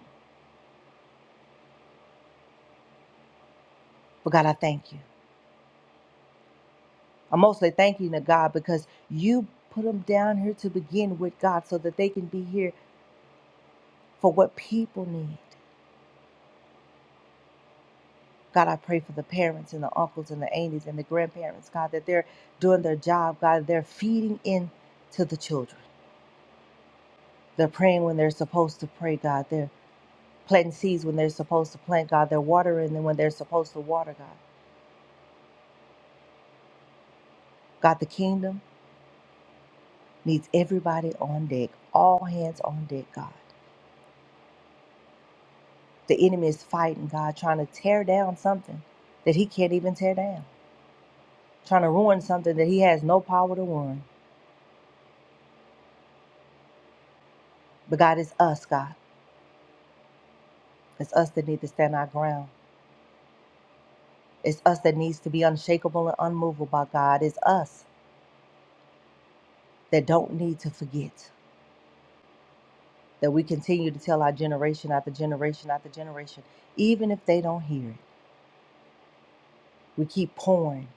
Speaker 3: But God, I thank you. I'm mostly thanking you, God because you put them down here to begin with, God, so that they can be here for what people need. God, I pray for the parents and the uncles and the aunties and the grandparents, God, that they're doing their job, God, they're feeding in to the children. They're praying when they're supposed to pray, God. They're planting seeds when they're supposed to plant, God. They're watering them when they're supposed to water, God. God, the kingdom. needs everybody on deck, all hands on deck, God. The enemy is fighting, God, trying to tear down something that he can't even tear down, trying to ruin something that he has no power to ruin. But God, it's us, God. It's us that need to stand our ground. It's us that needs to be unshakable and unmovable by God. It's us that don't need to forget that we continue to tell our generation after generation after generation, even if they don't hear it. We keep pouring.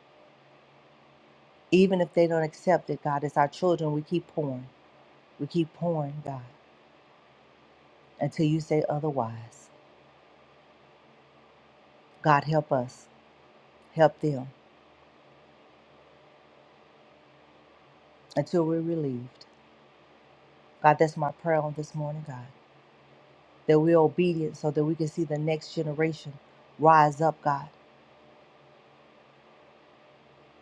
Speaker 3: Even if they don't accept it, God, it's our children, we keep pouring. We keep pouring, God, until you say otherwise. God, help us, help them until we're relieved. God, that's my prayer on this morning, God, that we're obedient so that we can see the next generation rise up, God,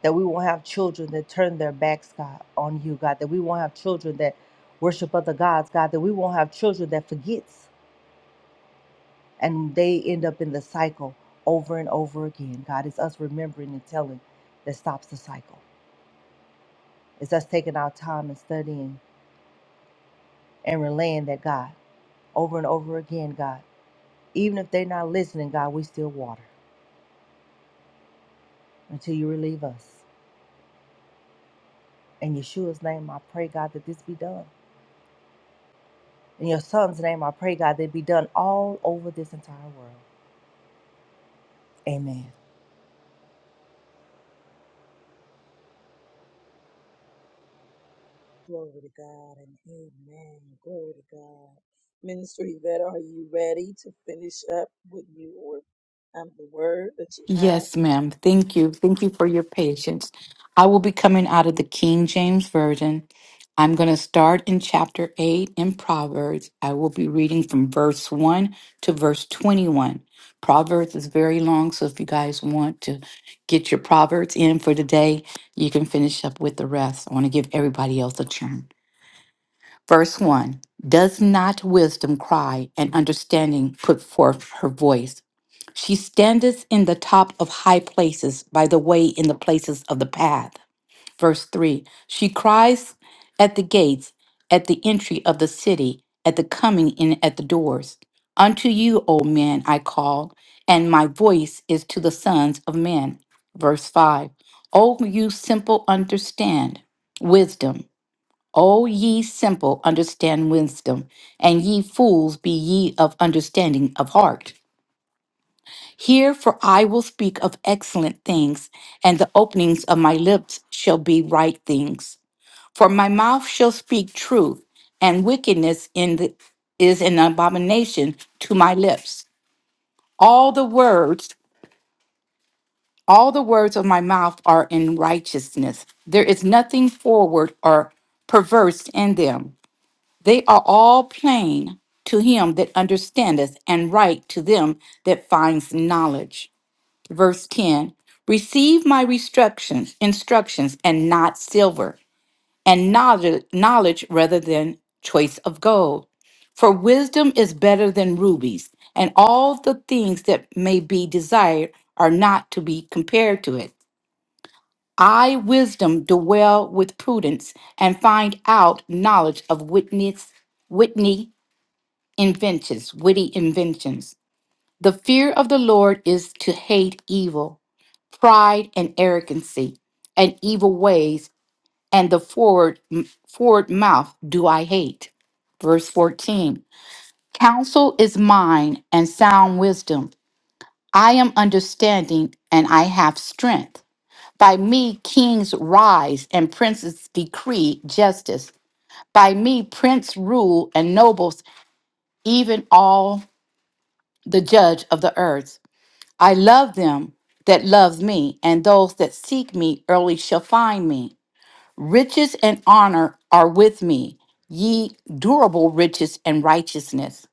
Speaker 3: that we won't have children that turn their backs, God, on you, God, that we won't have children that worship other gods, God, that we won't have children that forgets and they end up in the cycle over and over again. God, it's us remembering and telling that stops the cycle. It's us taking our time and studying and relaying that God over and over again, God. Even if they're not listening, God, we still water until you relieve us. In Yeshua's name, I pray, God, that this be done. In your son's name, I pray, God, that it be done all over this entire world. Amen.
Speaker 1: Glory to God and amen. Glory to God. Minister Yvette, are you ready to finish up with your um, the word that you have?
Speaker 2: Yes, ma'am. Thank you. Thank you for your patience. I will be coming out of the King James Version. I'm going to start in chapter 8 in Proverbs. I will be reading from verse 1 to verse 21. Proverbs is very long, so if you guys want to get your Proverbs in for today, you can finish up with the rest. I want to give everybody else a turn. Verse 1 Does not wisdom cry and understanding put forth her voice? She standeth in the top of high places, by the way, in the places of the path. Verse 3 She cries at the gates, at the entry of the city, at the coming in at the doors. Unto you, O men, I call, and my voice is to the sons of men. Verse five. O you simple, understand wisdom. O ye simple, understand wisdom, and ye fools, be ye of understanding of heart. Hear, for I will speak of excellent things, and the openings of my lips shall be right things. For my mouth shall speak truth, and wickedness in the, is an abomination to my lips. All the words, all the words of my mouth are in righteousness. There is nothing forward or perverse in them. They are all plain to him that understandeth, and right to them that finds knowledge. verse 10 receive my instructions instructions and not silver and knowledge, knowledge rather than choice of gold for wisdom is better than rubies and all the things that may be desired are not to be compared to it i wisdom dwell with prudence and find out knowledge of witness whitney inventions witty inventions the fear of the lord is to hate evil pride and arrogancy and evil ways and the forward forward mouth do i hate verse 14 counsel is mine and sound wisdom i am understanding and i have strength by me kings rise and princes decree justice by me prince rule and nobles even all the judge of the earth i love them that love me and those that seek me early shall find me Riches and honor are with me, ye durable riches and righteousness.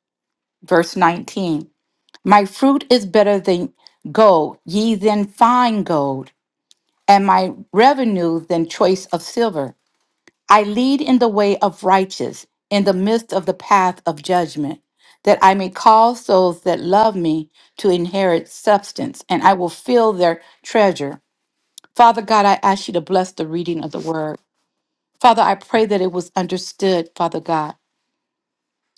Speaker 2: Verse 19 My fruit is better than gold, ye than fine gold, and my revenue than choice of silver. I lead in the way of righteous, in the midst of the path of judgment, that I may cause those that love me to inherit substance, and I will fill their treasure. Father God, I ask you to bless the reading of the word. Father, I pray that it was understood, Father God.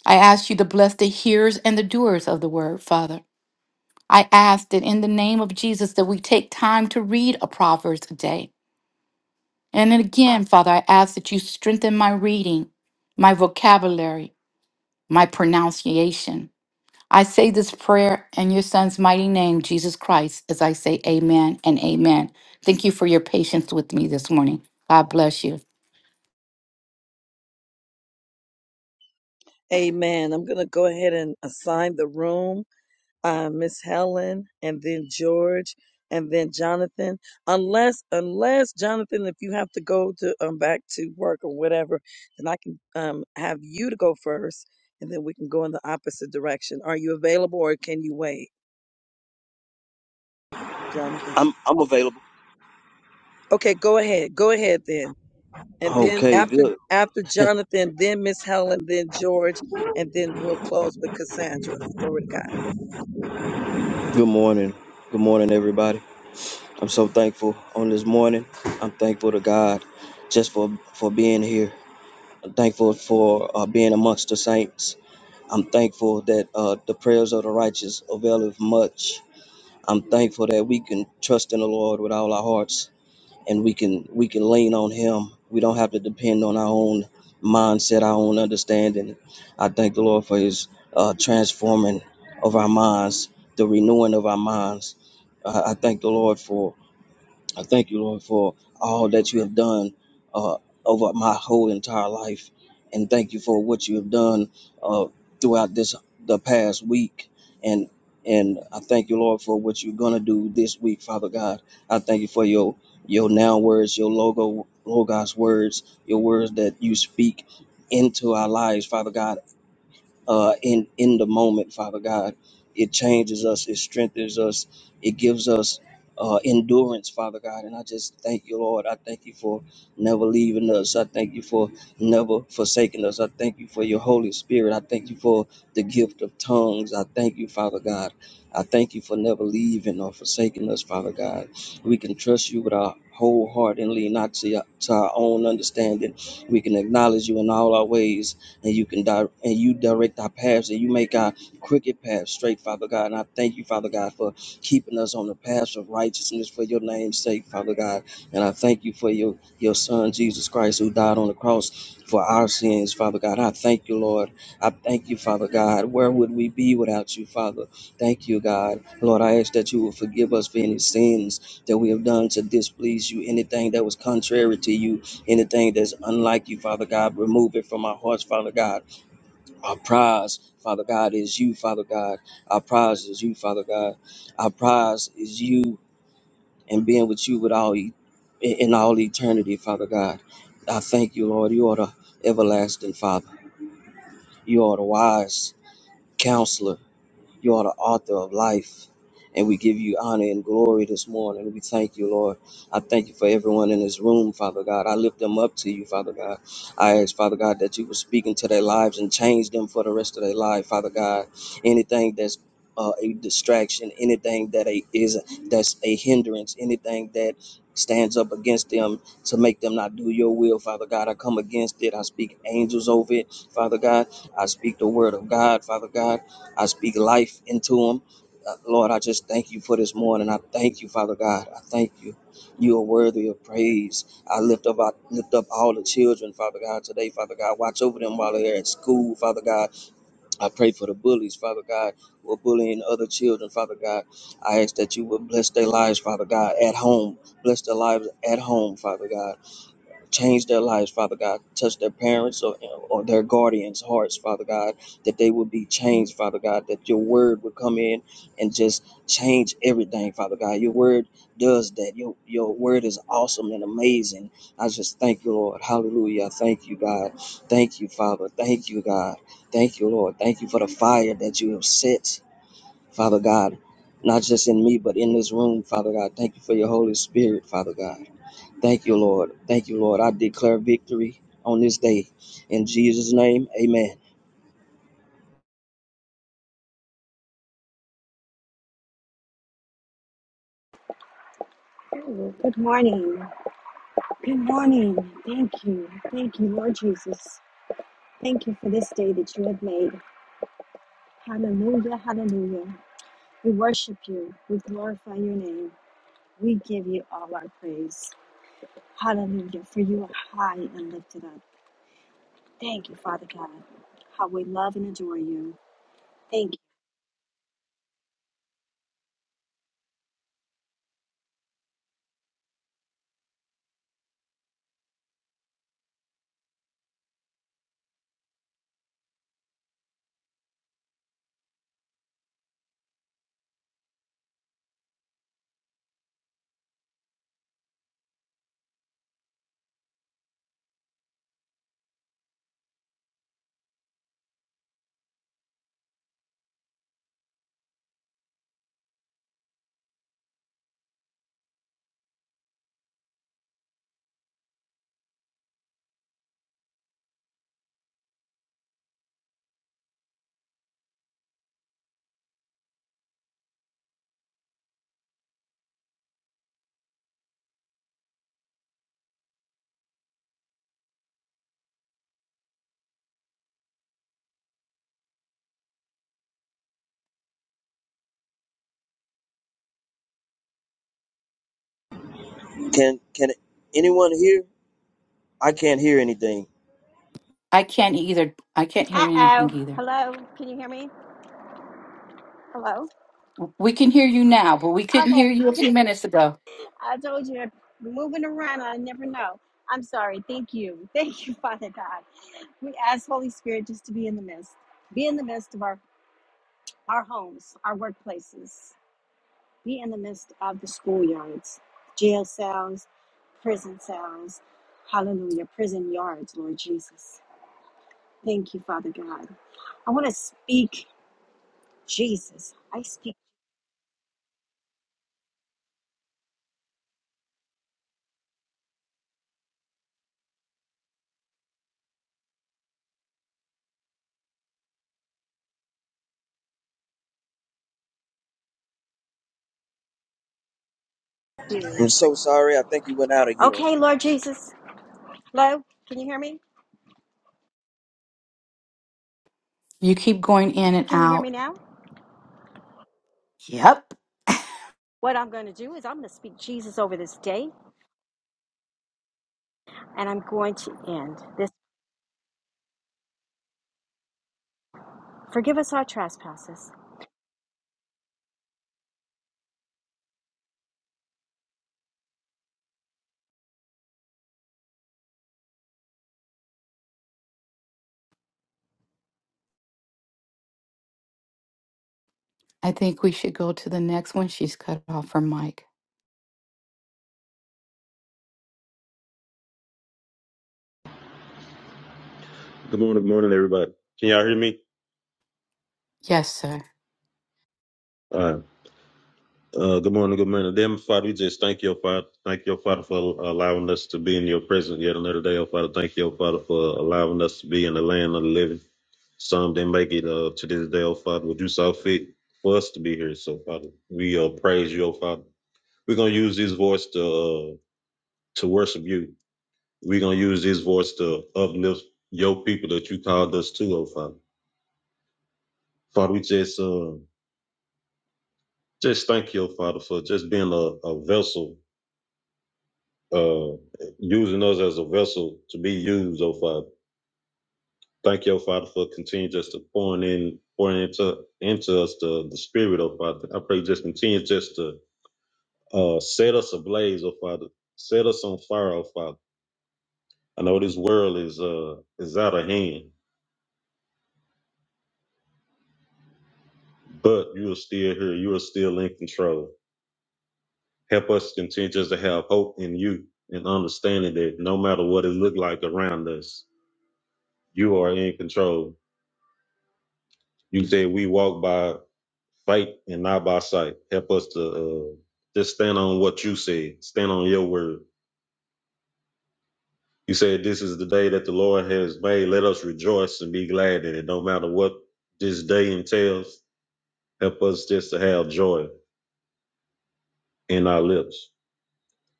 Speaker 2: I ask you to bless the hearers and the doers of the word, Father. I ask that in the name of Jesus that we take time to read a Proverbs a day. And then again, Father, I ask that you strengthen my reading, my vocabulary, my pronunciation. I say this prayer in your son's mighty name, Jesus Christ, as I say amen and amen. Thank you for your patience with me this morning. God bless you.
Speaker 1: Amen. I'm going to go ahead and assign the room. uh, Miss Helen, and then George, and then Jonathan. Unless, unless Jonathan, if you have to go to um, back to work or whatever, then I can um, have you to go first, and then we can go in the opposite direction. Are you available, or can you wait, Jonathan?
Speaker 4: I'm I'm available.
Speaker 1: Okay, go ahead. Go ahead then, and then
Speaker 4: Okay,
Speaker 1: after
Speaker 4: good.
Speaker 1: after Jonathan, then Miss Helen, then George, and then we'll close with Cassandra. Glory to God.
Speaker 4: Good morning. Good morning, everybody. I'm so thankful on this morning. I'm thankful to God just for for being here. I'm thankful for uh, being amongst the saints. I'm thankful that uh, the prayers of the righteous availeth much. I'm thankful that we can trust in the Lord with all our hearts and we can we can lean on him. We don't have to depend on our own mindset, our own understanding. I thank the Lord for His uh, transforming of our minds, the renewing of our minds. I I thank the Lord for I thank you, Lord, for all that you have done uh, over my whole entire life, and thank you for what you have done uh, throughout this the past week. And and I thank you, Lord, for what you're gonna do this week, Father God. I thank you for your your now words, your logo logos words, your words that you speak into our lives, Father God uh, in in the moment, Father God. It changes us, it strengthens us, it gives us uh, endurance, Father God. And I just thank you, Lord. I thank you for never leaving us. I thank you for never forsaking us. I thank you for your Holy Spirit. I thank you for the gift of tongues. I thank you, Father God. I thank you for never leaving or forsaking us, Father God. We can trust you with our whole heart and lean not to, your- to our own understanding. We can acknowledge you in all our ways and you can di- and you direct our paths and you make our crooked path straight, Father God. And I thank you, Father God, for keeping us on the path of righteousness for your name's sake, Father God. And I thank you for your your son Jesus Christ who died on the cross for our sins, Father God. I thank you, Lord. I thank you, Father God. Where would we be without you, Father? Thank you, God. Lord, I ask that you will forgive us for any sins that we have done to displease you, anything that was contrary to you, Anything that's unlike you, Father God, remove it from our hearts, Father God. Our prize, Father God, is you, Father God. Our prize is you, Father God. Our prize is you and being with you with all e- in in all eternity, Father God. I thank you, Lord. You are the everlasting Father. You are the wise counselor. You are the author of life. And we give you honor and glory this morning. We thank you, Lord. I thank you for everyone in this room, Father God. I lift them up to you, Father God. I ask, Father God, that you will speak into their lives and change them for the rest of their life, Father God. Anything that's uh, a distraction, anything that a, is that's a hindrance, anything that stands up against them to make them not do your will, Father God. I come against it. I speak angels over it, Father God. I speak the word of God, Father God. I speak life into them. Uh, Lord, I just thank you for this morning. I thank you, Father God. I thank you. You are worthy of praise. I lift up, I lift up all the children, Father God, today, Father God. Watch over them while they're at school, Father God. I pray for the bullies, Father God, who are bullying other children, Father God. I ask that you would bless their lives, Father God, at home. Bless their lives at home, Father God change their lives, Father God. Touch their parents or, or their guardians' hearts, Father God, that they would be changed, Father God, that your word would come in and just change everything, Father God. Your word does that. Your, your word is awesome and amazing. I just thank you, Lord. Hallelujah. Thank you, God. Thank you, Father. Thank you, God. Thank you, Lord. Thank you for the fire that you have set, Father God. Not just in me, but in this room, Father God. Thank you for your Holy Spirit, Father God. Thank you, Lord. Thank you, Lord. I declare victory on this day. In Jesus' name, amen.
Speaker 5: Good morning. Good morning. Thank you. Thank you, Lord Jesus. Thank you for this day that you have made. Hallelujah. Hallelujah. We worship you. We glorify your name. We give you all our praise. Hallelujah. For you are high and lifted up. Thank you, Father God. How we love and adore you. Thank you.
Speaker 4: Can can anyone hear? I can't hear anything.
Speaker 2: I can't either. I can't hear
Speaker 5: Uh
Speaker 2: anything
Speaker 5: oh.
Speaker 2: either.
Speaker 5: Hello. Can you hear me? Hello.
Speaker 2: We can hear you now, but we couldn't hear you a few minutes ago.
Speaker 5: I told you, moving around, I never know. I'm sorry. Thank you. Thank you, Father God. We ask Holy Spirit just to be in the midst, be in the midst of our, our homes, our workplaces, be in the midst of the schoolyards, jail cells, prison cells. Hallelujah. Prison yards, Lord Jesus. Thank you, Father God. I want to speak Jesus. I speak
Speaker 4: I'm
Speaker 5: Jesus.
Speaker 4: so sorry. I think you went out again.
Speaker 5: Okay, Lord Jesus. Hello? Can you hear me?
Speaker 2: You keep going in and
Speaker 5: Can you hear me
Speaker 2: out.
Speaker 5: now?
Speaker 2: Yep.
Speaker 5: What I'm going to do is I'm going to speak Jesus over this day and I'm going to end this. Forgive us our trespasses
Speaker 2: I think we should go to the next one. She's cut off her mic.
Speaker 6: Good morning, good morning, everybody. Can y'all hear me?
Speaker 2: Yes, sir.
Speaker 6: All right. Uh, good morning, good morning. Dear Father, we just thank you, oh Father. Thank you, oh Father, for allowing us to be in your presence yet another day, oh Father. Thank you, oh Father, for allowing us to be in the land of the living. Some didn't make it uh, to this day, oh Father, but you saw fit for us to be here. So, Father, we uh, praise you, oh Father. We're going to use this voice to, uh, to worship you. We're going to use this voice to uplift your people that you called us to, oh Father. Father, we just. Uh, Just thank you, Father, for just being a, a vessel, uh, using us as a vessel to be used, oh Father. Thank you, oh Father, for continuing just to pouring in, pouring into into us the, the Spirit, oh Father. I pray just continue just to uh, set us ablaze, oh Father. Set us on fire, oh Father. I know this world is uh is out of hand, but you are still here. You are still in control. Help us continue just to have hope in you and understanding that no matter what it look like around us, You are in control. You said we walk by faith and not by sight. Help us to uh, just stand on what you said, stand on your word. You said this is the day that the Lord has made. Let us rejoice and be glad in it. No matter what this day entails, help us just to have joy in our lips.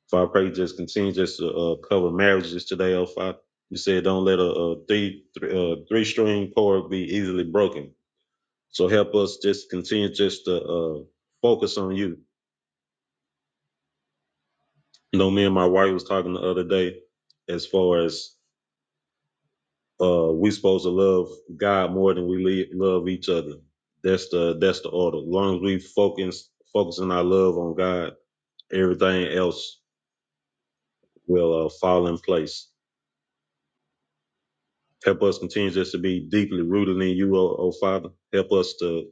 Speaker 6: So I pray just continue just to uh, cover marriages today, oh Father. You said don't let a, a three, three, uh, three string cord be easily broken So help us just continue just to uh, focus on you. You know, me and my wife was talking the other day as far as uh, we supposed to love God more than we le- love each other. That's the that's the order. As long as we focus focusing our love on God, everything else will uh, fall in place. Help us continue just to be deeply rooted in you, oh, oh Father. Help us to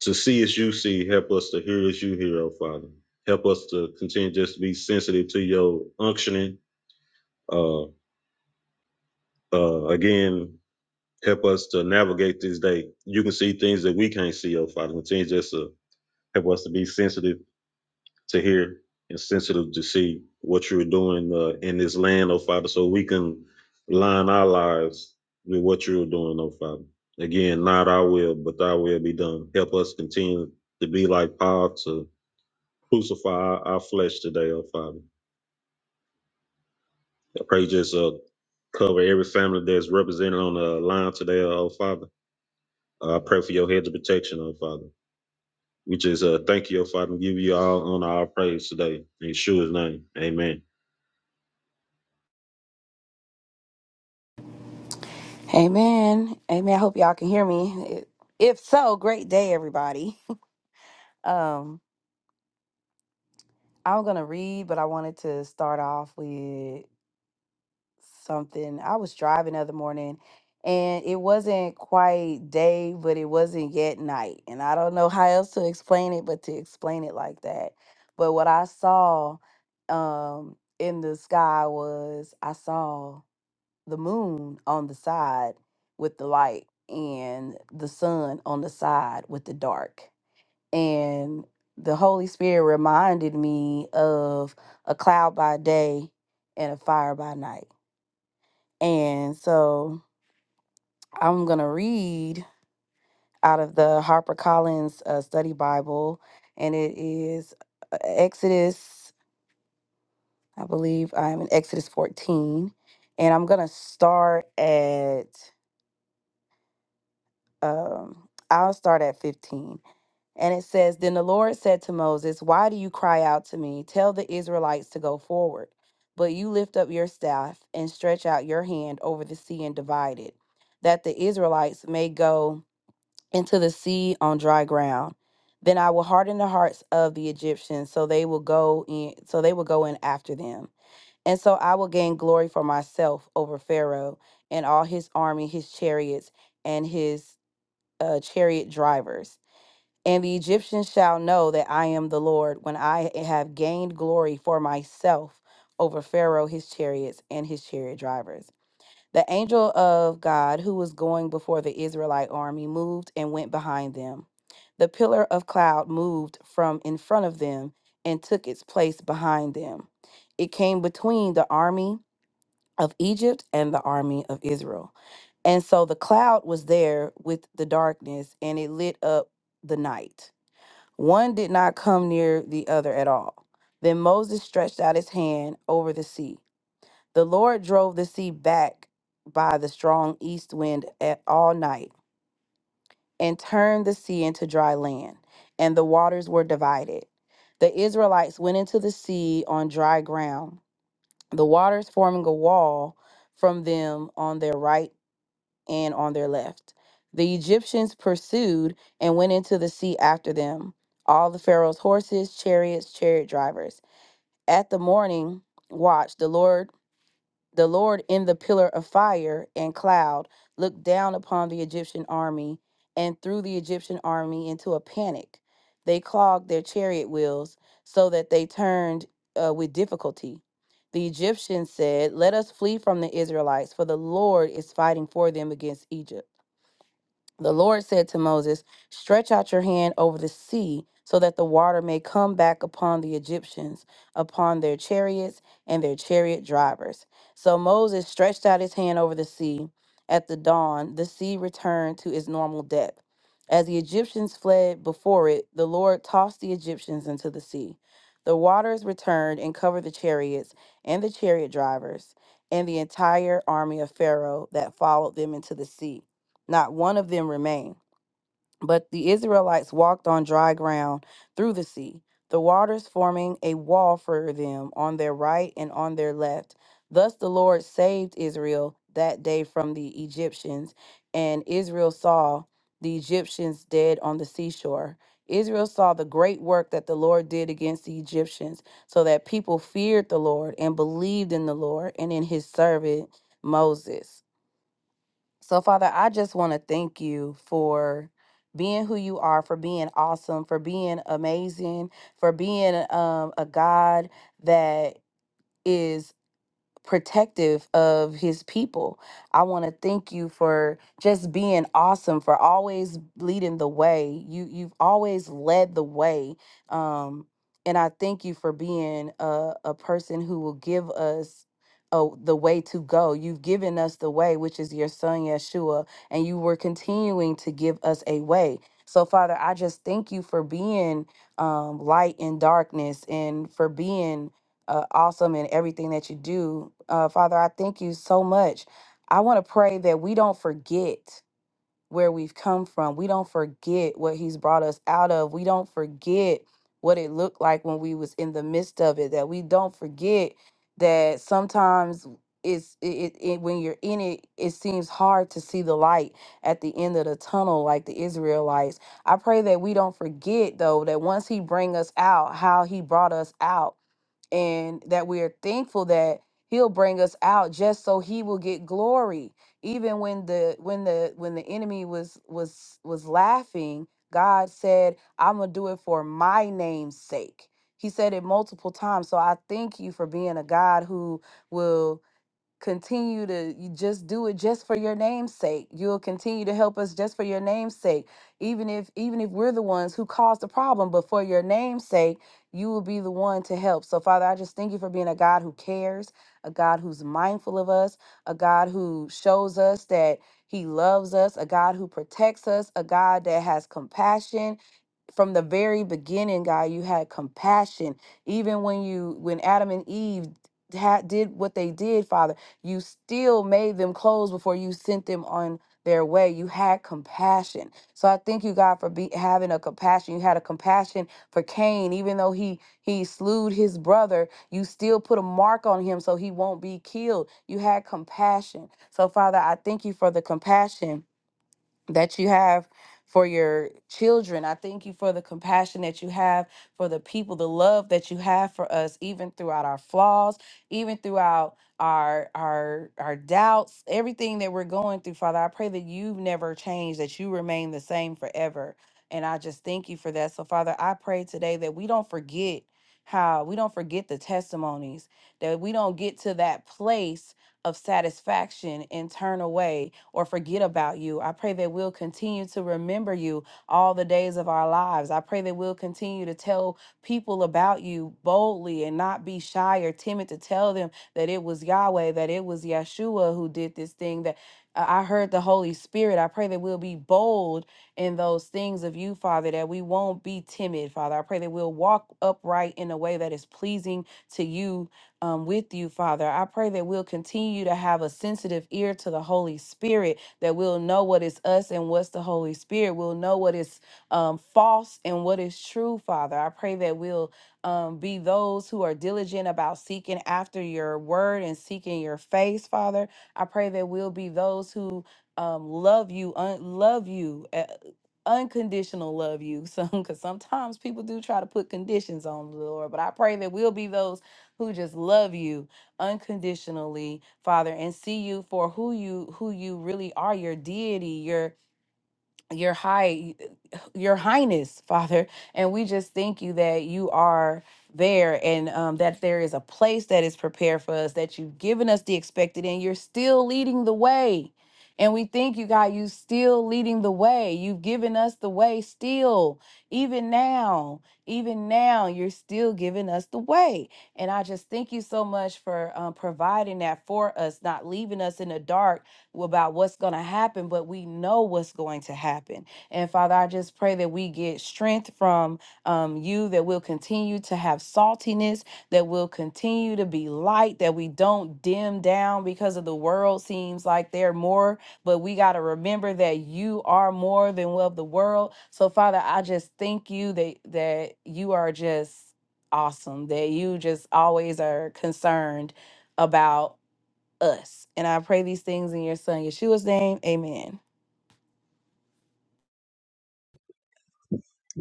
Speaker 6: to see as you see. Help us to hear as you hear, oh Father. Help us to continue just to be sensitive to your unctioning Uh, uh, again, help us to navigate this day. You can see things that we can't see, oh Father. Continue just to help us to be sensitive to hear and sensitive to see what you're doing uh, in this land, oh Father, so we can line our lives with what you're doing, oh Father. Again, not our will, but thy will be done. Help us continue to be like Paul to crucify our, our flesh today, oh Father. I pray just uh, cover every family that's represented on the line today, oh Father Uh, I pray for your hedge of protection, oh Father. We just uh, thank you, oh Father, and give you all honor, all praise today. In Yeshua's name, amen.
Speaker 7: Amen. Amen. I hope y'all can hear me. If so, great day, everybody. Um, I'm gonna read, but I wanted to start off with something. I was driving the other morning and it wasn't quite day, but it wasn't yet night. And I don't know how else to explain it, but to explain it like that. But what I saw um in the sky was I saw the moon on the side with the light and the sun on the side with the dark. And the Holy Spirit reminded me of a cloud by day and a fire by night. And so I'm going to read out of the HarperCollins uh, Study Bible, and it is uh, Exodus, I believe I'm in Exodus 14. And I'm going to start at um, I'll start at 15. And it says, Then the Lord said to Moses, Why do you cry out to me? Tell the Israelites to go forward. But you lift up your staff and stretch out your hand over the sea and divide it, that the Israelites may go into the sea on dry ground. Then I will harden the hearts of the Egyptians, so they will go in, so they will go in after them. And so I will gain glory for myself over Pharaoh and all his army, his chariots, and his uh, chariot drivers. And the Egyptians shall know that I am the Lord when I have gained glory for myself over Pharaoh, his chariots, and his chariot drivers. The angel of God who was going before the Israelite army moved and went behind them. The pillar of cloud moved from in front of them and took its place behind them. It came between the army of Egypt and the army of Israel. And so the cloud was there with the darkness and it lit up the night. One did not come near the other at all. Then Moses stretched out his hand over the sea. The Lord drove the sea back by the strong east wind at all night and turned the sea into dry land, and the waters were divided. The Israelites went into the sea on dry ground, the waters forming a wall from them on their right and on their left. The Egyptians pursued and went into the sea after them, all the Pharaoh's horses, chariots, chariot drivers. At the morning watch, the Lord, the Lord in the pillar of fire and cloud, looked down upon the Egyptian army and threw the Egyptian army into a panic. They clogged their chariot wheels so that they turned uh, with difficulty. The Egyptians said, Let us flee from the Israelites, for the Lord is fighting for them against Egypt. The Lord said to Moses, Stretch out your hand over the sea, so that the water may come back upon the Egyptians, upon their chariots and their chariot drivers. So Moses stretched out his hand over the sea. At the dawn, the sea returned to its normal depth. As the Egyptians fled before it, the Lord tossed the Egyptians into the sea. The waters returned and covered the chariots and the chariot drivers and the entire army of Pharaoh that followed them into the sea. Not one of them remained. But the Israelites walked on dry ground through the sea, the waters forming a wall for them on their right and on their left. Thus the Lord saved Israel that day from the Egyptians, and Israel saw the Egyptians dead on the seashore. Israel saw the great work that the Lord did against the Egyptians, so that people feared the Lord and believed in the Lord and in his servant Moses. So, Father, I just want to thank you for being who you are, for being awesome, for being amazing, for being um, a God that is protective of his people. I want to thank you for just being awesome, for always leading the way. You you've always led the way. Um and I thank you for being a, a person who will give us uh, the way to go. You've given us the way, which is your son Yeshua, and you were continuing to give us a way. So, Father, I just thank you for being um, light in darkness and for being uh, awesome in everything that you do. Uh, Father, I thank you so much. I want to pray that we don't forget where we've come from. We don't forget what he's brought us out of. We don't forget what it looked like when we was in the midst of it. That we don't forget that sometimes it's it, it, it when you're in it, it seems hard to see the light at the end of the tunnel like the Israelites. I pray that we don't forget though that once he bring us out, how he brought us out and that we are thankful that he'll bring us out just so he will get glory even when the when the when the enemy was was was laughing god said i'm gonna do it for my name's sake he said it multiple times so i thank you for being a god who will continue to you just do it just for your name's sake you'll continue to help us just for your name's sake even if even if we're the ones who caused the problem but for your name's sake you will be the one to help so father i just thank you for being a god who cares a god who's mindful of us a god who shows us that he loves us a god who protects us a god that has compassion from the very beginning god you had compassion even when you when adam and eve had did what they did father you still made them clothes before you sent them on their way you had compassion so i thank you god for be, having a compassion you had a compassion for cain even though he he slewed his brother you still put a mark on him so he won't be killed you had compassion so father i thank you for the compassion that you have for your children. I thank you for the compassion that you have for the people, the love that you have for us, even throughout our flaws, even throughout our our our doubts, everything that we're going through, Father. I pray that you've never changed, that you remain the same forever. And I just thank you for that. So, Father, I pray today that we don't forget how we don't forget the testimonies, that we don't get to that place of satisfaction and turn away or forget about you. I pray that we'll continue to remember you all the days of our lives. I pray that we'll continue to tell people about you boldly and not be shy or timid to tell them that it was Yahweh, that it was Yeshua who did this thing, that uh, I heard the Holy Spirit. I pray that we'll be bold in those things of you, Father, that we won't be timid, Father. I pray that we'll walk upright in a way that is pleasing to you um, with you, Father. I pray that we'll continue to have a sensitive ear to the Holy Spirit, that we'll know what is us and what's the Holy Spirit. We'll know what is um, false and what is true, Father. I pray that we'll um, be those who are diligent about seeking after your word and seeking your face, Father. I pray that we'll be those who um, love you, un- love you. uh, unconditional love you some because sometimes people do try to put conditions on the lord but i pray that we'll be those who just love you unconditionally, Father, and see you for who you who you really are, your deity, your your high your highness father and we just thank you that you are there and um, that there is a place that is prepared for us that you've given us the expected and you're still leading the way and we thank you god you still leading the way you've given us the way still even now even now you're still giving us the way and i just thank you so much for um, providing that for us not leaving us in the dark about what's going to happen, but we know what's going to happen. And Father, I just pray that we get strength from um, you, that we'll continue to have saltiness, that we'll continue to be light, that we don't dim down because of the world seems like they're more, but we got to remember that you are more than of the world. So Father, I just thank you that that you are just awesome, that you just always are concerned about us. And I pray these things in your son Yeshua's name. Amen.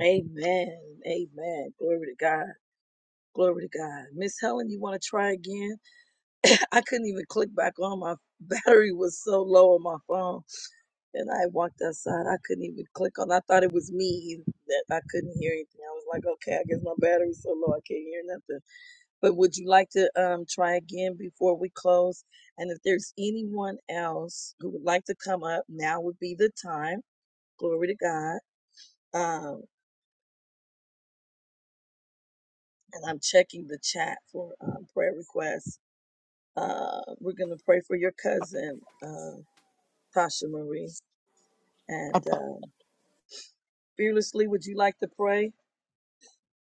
Speaker 1: Amen. Amen. Glory to God. Glory to God. Miss Helen, you want to try again? I couldn't even click back on. My battery was so low on my phone. And I walked outside. I couldn't even click on. I thought it was me that I couldn't hear anything. I was like, okay, I guess my battery's so low I can't hear nothing. But would you like to um, try again before we close? And if there's anyone else who would like to come up, now would be the time. Glory to God. Um, and I'm checking the chat for um, prayer requests. Uh, we're going to pray for your cousin, uh, Tasha Marie. And uh, fearlessly, would you like to pray?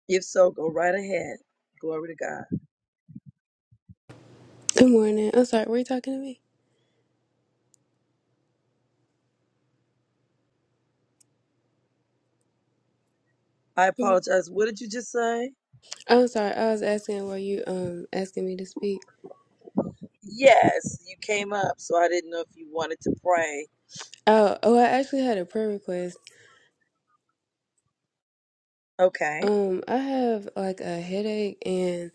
Speaker 1: If so, go right ahead. Glory to God.
Speaker 8: Good morning. I'm sorry. Were you talking to me?
Speaker 1: I
Speaker 8: Good mo-
Speaker 1: apologize. What did you just say?
Speaker 8: I'm sorry. I was asking why you um asking me to speak.
Speaker 1: Yes, you came up, so I didn't know if you wanted to pray.
Speaker 8: Oh, oh. I actually had a prayer request.
Speaker 1: Okay,
Speaker 8: Um, I have like a headache, and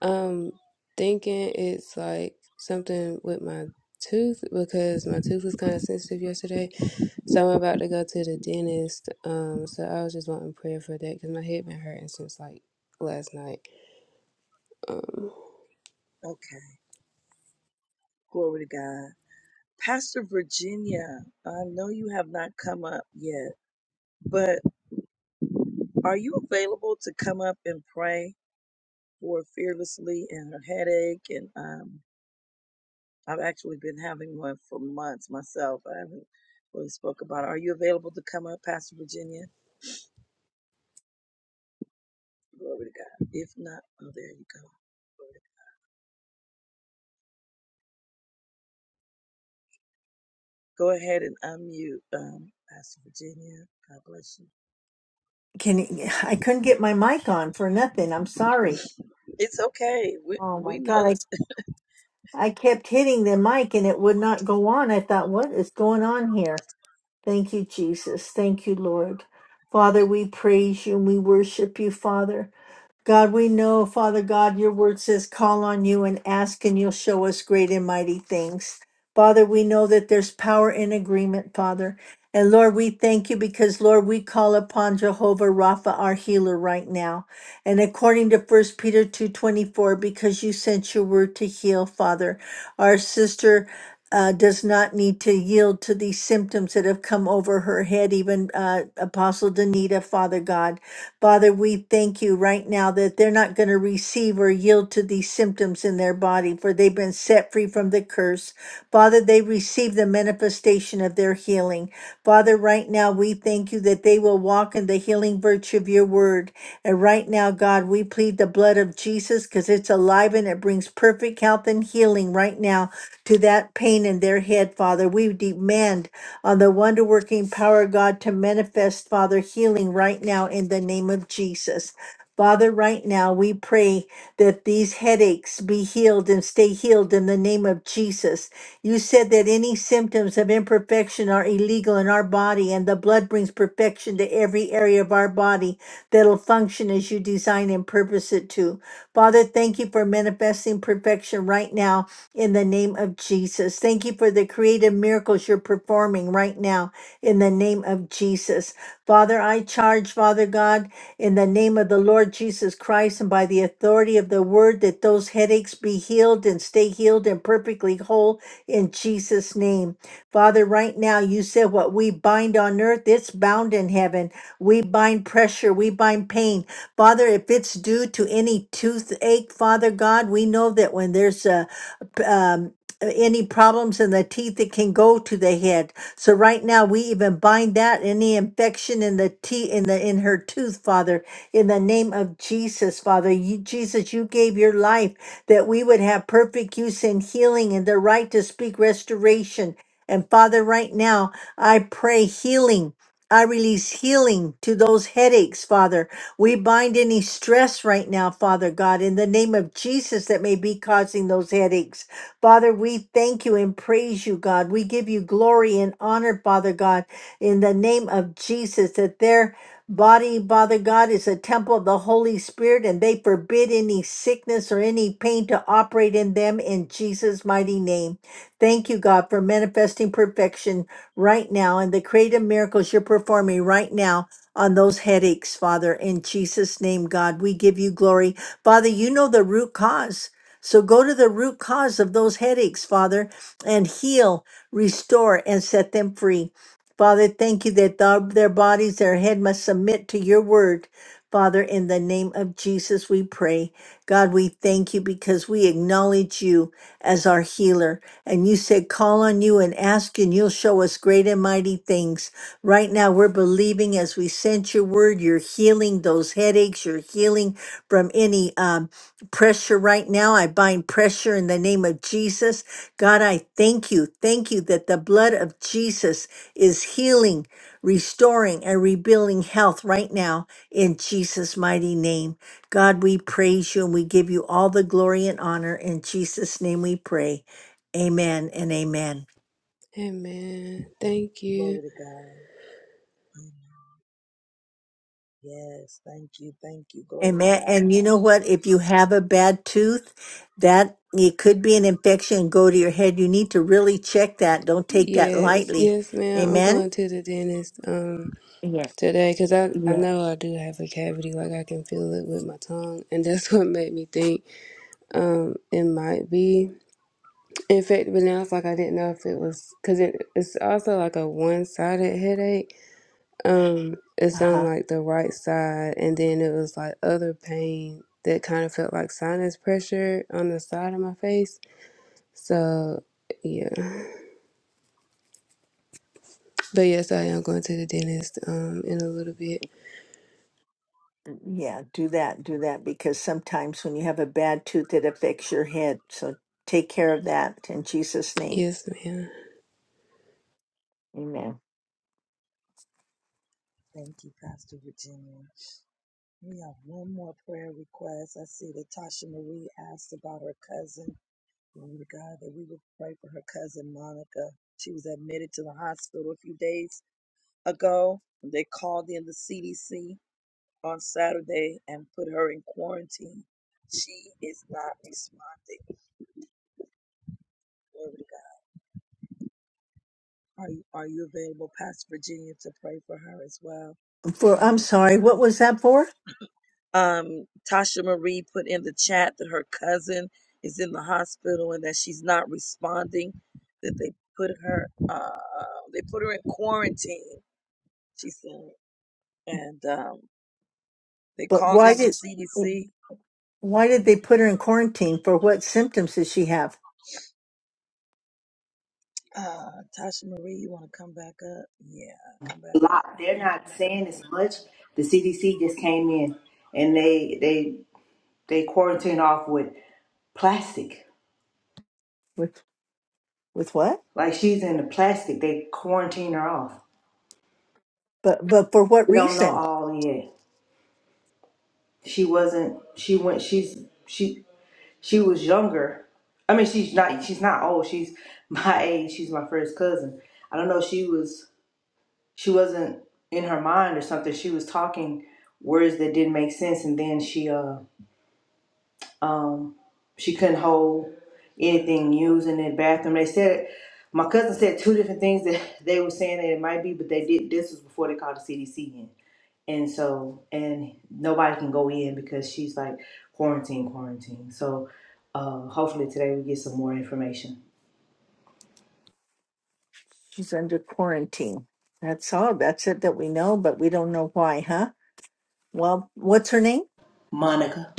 Speaker 8: um, thinking it's like something with my tooth because my tooth was kind of sensitive yesterday. So I'm about to go to the dentist. Um, so I was just wanting prayer for that because my head been hurting since like last night. Um,
Speaker 1: okay. Glory to God. Pastor Virginia, I know you have not come up yet, but are you available to come up and pray? for fearlessly and her headache and um I've actually been having one for months myself. I haven't really spoke about it. Are you available to come up, Pastor Virginia? Glory to God. If not, oh there you go. Go ahead and unmute, um, Pastor Virginia. God bless you.
Speaker 9: Can I couldn't get my mic on for nothing. I'm sorry.
Speaker 1: It's okay. We
Speaker 9: Oh
Speaker 1: we
Speaker 9: my
Speaker 1: know
Speaker 9: god, I
Speaker 1: that
Speaker 9: I kept hitting the mic and it would not go on. I thought, what is going on here? Thank you, Jesus. Thank you, Lord. Father, we praise you and we worship you, Father. God, we know, Father God, your word says, call on you and ask, and you'll show us great and mighty things. Father, we know that there's power in agreement, Father. And Lord, we thank you because, Lord, we call upon Jehovah Rapha, our healer, right now. And according to First Peter 2.24, because you sent your word to heal, Father, our sister uh, does not need to yield to these symptoms that have come over her head, even uh, Apostle Danita, Father God. Father, we thank you right now that they're not going to receive or yield to these symptoms in their body, for they've been set free from the curse. Father, they receive the manifestation of their healing. Father, right now we thank you that they will walk in the healing virtue of your word. And right now, God, we plead the blood of Jesus because it's alive and it brings perfect health and healing right now to that pain in their head, Father. We demand on the wonder working power of God to manifest, Father, healing right now in the name of Jesus. Father, right now we pray that these headaches be healed and stay healed in the name of Jesus. You said that any symptoms of imperfection are illegal in our body, and the blood brings perfection to every area of our body that'll function as you design and purpose it to. Father, thank you for manifesting perfection right now in the name of Jesus. Thank you for the creative miracles you're performing right now in the name of Jesus. Father, I charge, Father God, in the name of the Lord Jesus Christ and by the authority of the word that those headaches be healed and stay healed and perfectly whole in Jesus' name. Father, right now you said what we bind on earth, it's bound in heaven. We bind pressure, we bind pain. Father, if it's due to any toothache, Father God, we know that when there's a um, any problems in the teeth that can go to the head. So right now we even bind that any infection in the teeth in the in her tooth, Father, in the name of Jesus, Father. You Jesus, you gave your life that we would have perfect use and healing and the right to speak restoration. And Father, right now I pray healing. I release healing to those headaches, Father. We bind any stress right now, Father God, in the name of Jesus that may be causing those headaches. Father, we thank you and praise you, God. We give you glory and honor, Father God, in the name of Jesus, that their body, Father God, is a temple of the Holy Spirit, and they forbid any sickness or any pain to operate in them in Jesus' mighty name. Thank you, God, for manifesting perfection right now and the creative miracles you're performing right now on those headaches, Father. In Jesus' name, God, we give you glory. Father, you know the root cause. So go to the root cause of those headaches, Father, and heal, restore, and set them free. Father, thank you that thou- their bodies, their head must submit to your word. Father, in the name of Jesus, we pray. God, we thank you because we acknowledge you as our healer. And you said, call on you and ask, and you'll show us great and mighty things. Right now, we're believing as we sent your word, you're healing those headaches, you're healing from any um, pressure right now. I bind pressure in the name of Jesus. God, I thank you. Thank you that the blood of Jesus is healing, restoring, and rebuilding health right now in Jesus' mighty name. God, we praise you and we give you all the glory and honor. In Jesus' name we pray. Amen and amen.
Speaker 8: amen. Thank you.
Speaker 1: glory to God. Amen. Yes, thank you, thank you. Glory to
Speaker 9: Amen.
Speaker 1: God.
Speaker 9: And you know what? If you have a bad tooth, that it could be an infection and go to your head. You need to really check that. Don't take that
Speaker 8: Yes,
Speaker 9: lightly.
Speaker 8: yes, ma'am. I'm
Speaker 9: Amen.
Speaker 8: going to the dentist um today because I I know I do have a cavity, like I can feel it with my tongue, and that's what made me think um it might be infected. But now it's like I didn't know if it was because it, it's also like a one-sided headache. Um, it's on
Speaker 9: Uh-huh.
Speaker 8: like the right side, and then it was like other pain that kind of felt like sinus pressure on the side of my face. So yeah, but yes, I am going to the dentist um in a little bit.
Speaker 9: Yeah, do that, do that because sometimes when you have a bad tooth it affects your head. So take care of that in Jesus name.
Speaker 8: Yes, ma'am.
Speaker 9: Amen.
Speaker 1: Thank you, Pastor Virginia. We have one more prayer request. I see that Tasha Marie asked about her cousin. Glory to God that we would pray for her cousin Monica. She was admitted to the hospital a few days ago. They called in the CDC on Saturday and put her in quarantine. She is not responding. Glory to God. Are you, are you available, Pastor Virginia, to pray for her as well?
Speaker 9: For
Speaker 1: Glory
Speaker 9: I'm
Speaker 1: to
Speaker 9: sorry, what was that for?
Speaker 1: God. Um, Tasha Marie put in the chat that her cousin is in the hospital and that she's not responding. That they put her, uh, they put her in quarantine she said. And um, they
Speaker 9: But
Speaker 1: called
Speaker 9: Why
Speaker 1: in the
Speaker 9: did
Speaker 1: CDC.
Speaker 9: why did
Speaker 1: hmm
Speaker 9: they put her in quarantine? For what symptoms did she have?
Speaker 1: Uh, Tasha Marie, you want to come back up? Yeah, come back up.
Speaker 3: lot. They're not saying as much. The CDC just came in and they they they quarantine off with plastic.
Speaker 9: with with what?
Speaker 3: Like she's in the plastic. They quarantine her off.
Speaker 9: But but for what
Speaker 3: We don't know
Speaker 9: reason?
Speaker 3: all yet. She wasn't. She went. She's she. She was younger. I mean, she's not. She's not old. She's my age. She's my first cousin. I don't know. She was. She wasn't in her mind or something. She was talking words that didn't make sense, and then she uh um she couldn't hold anything used in the bathroom. They said my cousin said two different things that they were saying that it might be, but they did. This was before they called the CDC in. And so, and nobody can go in because she's like quarantine, quarantine. So, uh, hopefully today we get some more information.
Speaker 9: She's under quarantine. That's all. That's it that we know, but we don't know why, huh? Well, what's her name?
Speaker 3: Monica.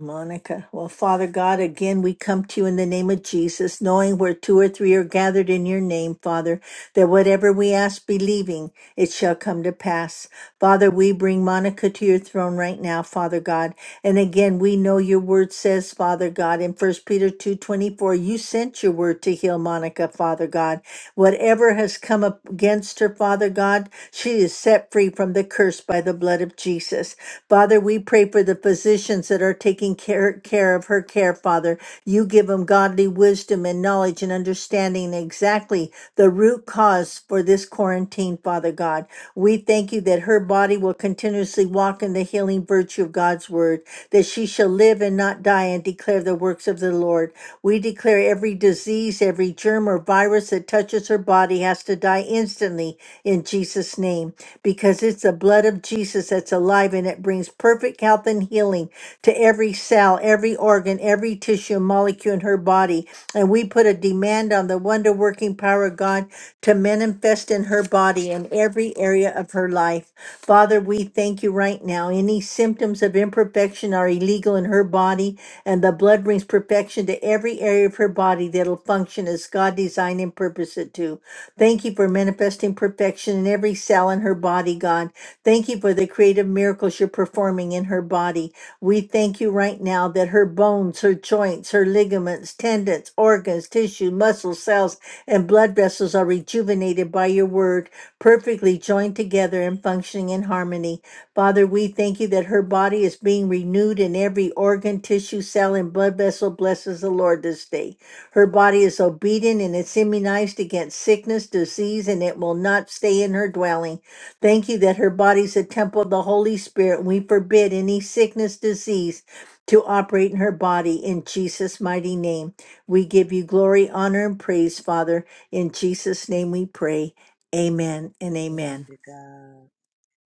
Speaker 9: Monica. Well, Father God, again, we come to you in the name of Jesus, knowing where two or three are gathered in your name, Father, that whatever we ask believing, it shall come to pass. Father, we bring Monica to your throne right now, Father God. And again, we know your word says, Father God, in First Peter 2 24, you sent your word to heal Monica, Father God. Whatever has come up against her, Father God, she is set free from the curse by the blood of Jesus. Father, we pray for the physicians that are taking care, care of her care, Father. You give them godly wisdom wisdom and knowledge and understanding exactly the root cause for this quarantine, Father God. We thank you that her body will continuously walk in the healing virtue of God's word, that she shall live and not die and declare the works of the Lord. We declare every disease, every germ or virus that touches her body has to die instantly in Jesus' name because it's the blood of Jesus that's alive and it brings perfect health and healing to every cell, every organ, every tissue, and molecule in her body. And we put a demand on the wonder working power of God to manifest in her body in every area of her life. Father, we thank you right now. Any symptoms of imperfection are illegal in her body, and the blood brings perfection to every area of her body body that'll function as God designed and purposed it to. Thank you for manifesting perfection in every cell in her body, God. Thank you for the creative miracles you're performing in her body. We thank you right now that her bones, her joints, her ligaments, tendons, organs, tissue, muscles, cells, and blood vessels are rejuvenated by your word, perfectly joined together and functioning in harmony. Father, we thank you that her body is being renewed in every organ, tissue, cell, and blood vessel. Blesses the Lord this day. Her body is obedient and it's immunized against sickness, disease, and it will not stay in her dwelling. Thank you that her body's a temple of the Holy Spirit. We forbid any sickness, disease to operate in her body in Jesus' mighty name. We give you glory, honor, and praise, Father. In Jesus' name we pray. Amen and
Speaker 1: Glory
Speaker 9: amen.
Speaker 1: to God.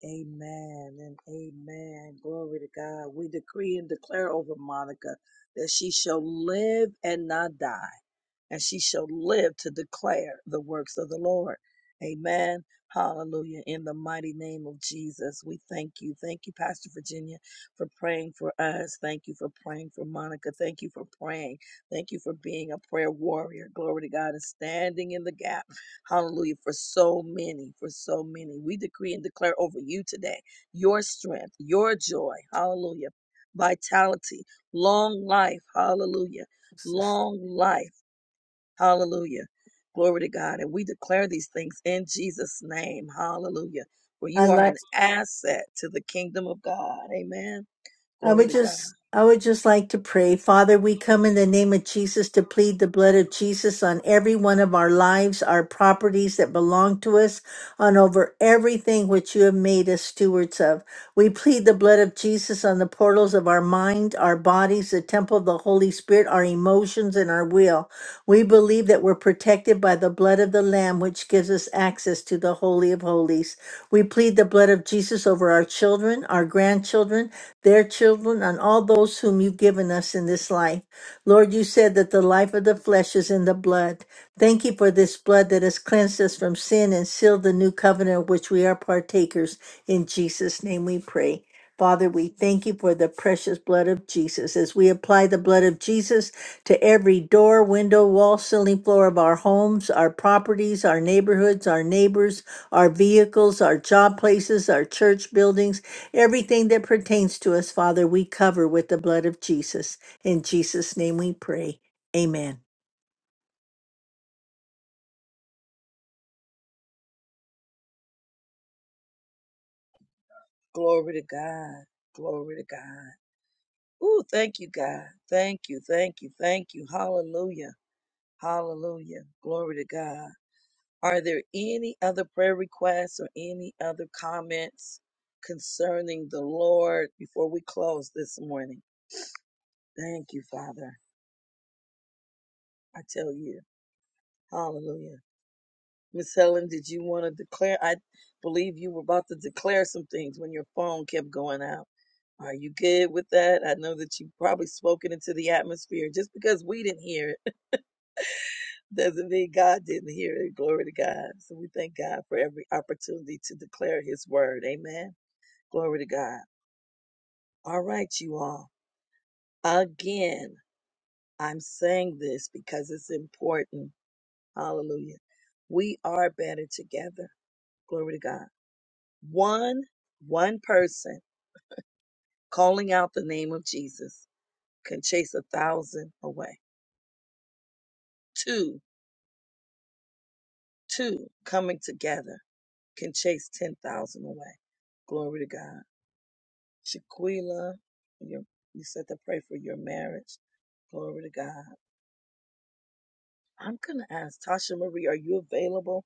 Speaker 1: Amen and amen. Glory to God. We decree and declare over Monica that she shall live and not die. and she shall live to declare the works of the Lord. Amen. Hallelujah. In the mighty name of Jesus, we thank you. Thank you, Pastor Virginia, for praying for us. Thank you for praying for Monica. Thank you for praying. Thank you for being a prayer warrior. Glory to God and standing in the gap. Hallelujah. For so many, for so many. We decree and declare over you today your strength, your joy. Hallelujah. Vitality, long life. Hallelujah long life. Hallelujah. Glory to God. And we declare these things in Jesus' name. Hallelujah. For you
Speaker 9: I
Speaker 1: are
Speaker 9: like.
Speaker 1: an asset to the kingdom of God. Amen.
Speaker 9: I
Speaker 1: Glory
Speaker 9: would
Speaker 1: to God.
Speaker 9: just I would just like to pray. Father, we come in the name of Jesus to plead the blood of Jesus on every one of our lives, our properties that belong to us, on over everything which you have made us stewards of. We plead the blood of Jesus on the portals of our mind, our bodies, the temple of the Holy Spirit, our emotions, and our will. We believe that we're protected by the blood of the Lamb, which gives us access to the Holy of Holies. We plead the blood of Jesus over our children, our grandchildren, their children, and all those whom you've given us in this life. Lord, you said that the life of the flesh is in the blood. Thank you for this blood that has cleansed us from sin and sealed the new covenant of which we are partakers. In Jesus' name we pray. Father, we thank you for the precious blood of Jesus. As we apply the blood of Jesus to every door, window, wall, ceiling, floor of our homes, our properties, our neighborhoods, our neighbors, our vehicles, our job places, our church buildings, everything that pertains to us, Father, we cover with the blood of Jesus. In Jesus' name we pray. Amen.
Speaker 1: Glory to God. Glory to God. Ooh, thank you, God. Thank you. Thank you. Thank you. Hallelujah. Hallelujah. Glory to God. Are there any other prayer requests or any other comments concerning the Lord before we close this morning? Thank you, Father. I tell you. Hallelujah. Miss Helen, did you want to declare? I believe you were about to declare some things when your phone kept going out. Are you good with that? I know that you've probably spoken into the atmosphere. Just because we didn't hear it doesn't mean God didn't hear it. Glory to God. So we thank God for every opportunity to declare his word. Amen. Glory to God. All right, you all. Again, I'm saying this because it's important. Hallelujah. We are better together. Glory to God. One, one person calling out the name of Jesus can chase a thousand away. Two, two coming together can chase 10,000 away. Glory to God. Shaquila, you you said to pray for your marriage. Glory to God. I'm going to ask Tasha Marie, are you available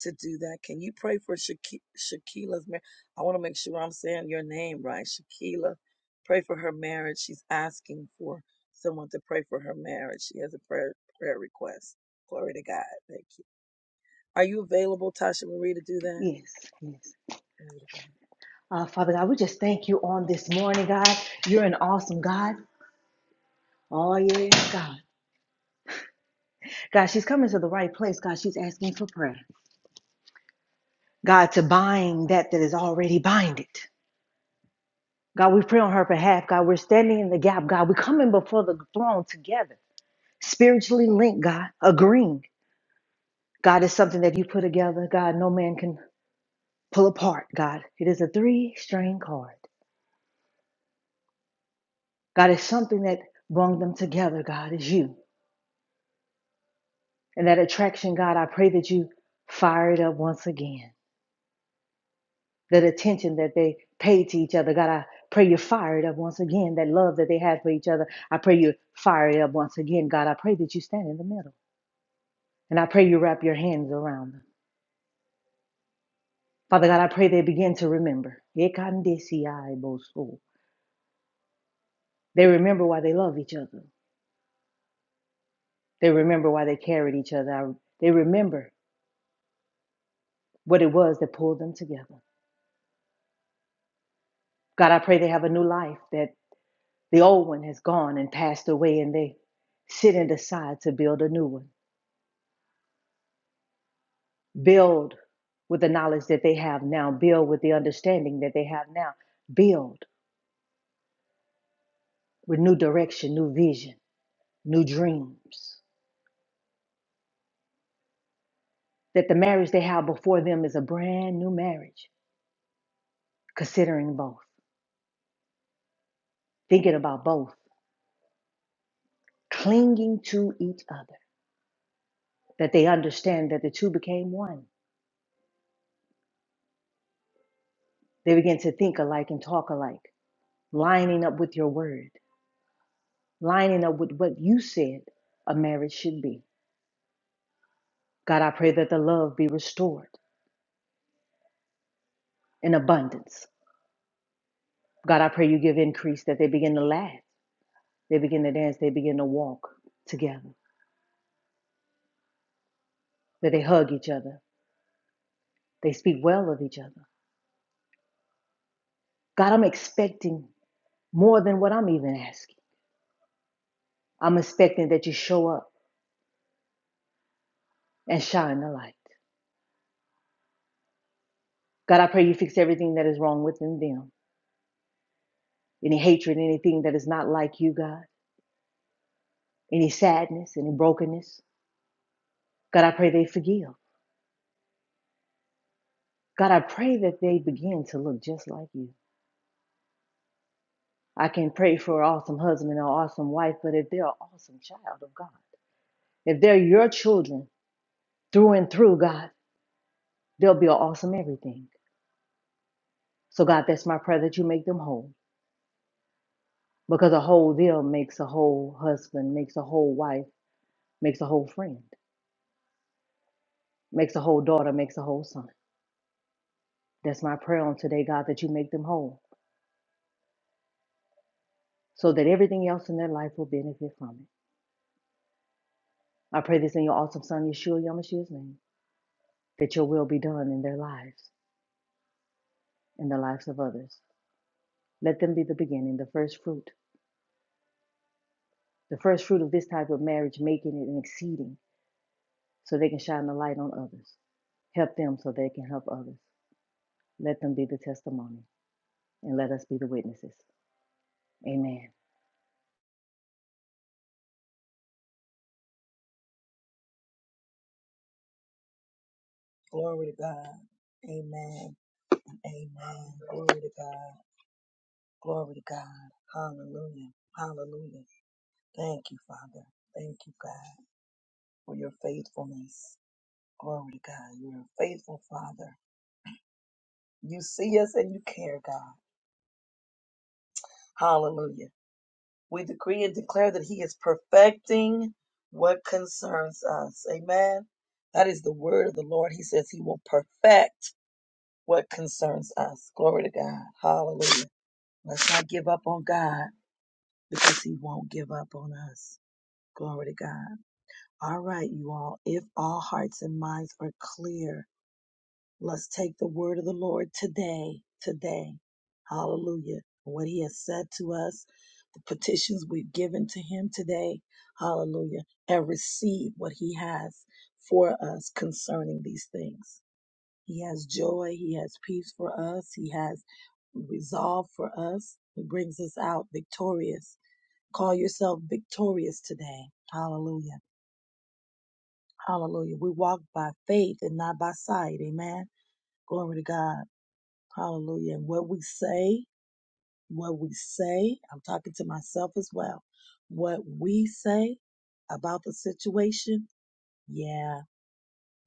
Speaker 1: to do that? Can you pray for Shaki- Shaquila's marriage? I want to make sure I'm saying your name right. Shakila, pray for her marriage. She's asking for someone to pray for her marriage. She has a prayer, prayer request. Glory to God. Thank you. Are you available, Tasha Marie, to do that?
Speaker 3: Yes, yes.
Speaker 1: Glory to God.
Speaker 3: Uh, Father God, we just thank you on this morning, God. You're an awesome God. Oh, yes, God. God, she's coming to the right place. God, she's asking for prayer. God, to bind that that is already binded. God, we pray on her behalf. God, we're standing in the gap. God, we're coming before the throne together, spiritually linked, God, agreeing. God is something that you put together. God, no man can pull apart, God. It is a three string card. God is something that brung them together, God, is you. And that attraction, God, I pray that you fire it up once again. That attention that they paid to each other, God, I pray you fire it up once again. That love that they had for each other, I pray you fire it up once again, God. I pray that you stand in the middle. And I pray you wrap your hands around them. Father God, I pray they begin to remember. They remember why they love each other. They remember why they carried each other. They remember what it was that pulled them together. God, I pray they have a new life, that the old one has gone and passed away, and they sit and decide to build a new one. Build with the knowledge that they have now, build with the understanding that they have now, build with new direction, new vision, new dreams. That the marriage they have before them is a brand new marriage, considering both, thinking about both, clinging to each other that they understand that the two became one. They begin to think alike and talk alike, lining up with your word, lining up with what you said a marriage should be. God, I pray that the love be restored in abundance. God, I pray you give increase, that they begin to laugh, they begin to dance, they begin to walk together, that they hug each other, they speak well of each other. God, I'm expecting more than what I'm even asking. I'm expecting that you show up and shine the light. God, I pray you fix everything that is wrong within them. any hatred, anything that is not like you, God, any sadness, any brokenness. God, I pray they forgive. God, I pray that they begin to look just like you. I can pray for an awesome husband or awesome wife, but if they're an awesome child of God, if they're your children through and through, God, they'll be an awesome everything. So, God, that's my prayer that you make them whole because a whole them makes a whole husband, makes a whole wife, makes a whole friend, makes a whole daughter, makes a whole son. That's my prayer on today, God, that you make them whole. so that everything else in their life will benefit from it. I pray this in your awesome son, Yeshua Yamashia's name, that your will be done in their lives and the others. Let them begin in the first fruit, the first fruit of this type of marriage, making it and exceeding, so they can shine the light on others. Help them so they can help others. Let them be the testimony, and let us be the witnesses. Amen.
Speaker 1: Glory to God. Amen. Amen. Glory to God. Glory to God. Hallelujah. Hallelujah. Thank you, Father. Thank you, God, for your faithfulness. Glory to God. You're a faithful Father. You see us and you care, God. Hallelujah. We decree and declare that He is perfecting what concerns us. Amen. That is the word of the Lord. He says He will perfect what concerns us. Glory to God. Hallelujah. Let's not give up on God because He won't give up on us. Glory to God. All right, you all, if all hearts and minds are clear, let's take the word of the Lord today, today. Hallelujah. What he has said to us, the petitions we've given to him today. Hallelujah. And receive what he has for us concerning these things. He has joy. He has peace for us. He has resolve for us. He brings us out victorious. Call yourself victorious today. Hallelujah. Hallelujah. We walk by faith and not by sight. Amen. Glory to God. Hallelujah. And what we say, what we say, I'm talking to myself as well. What we say about the situation, yeah,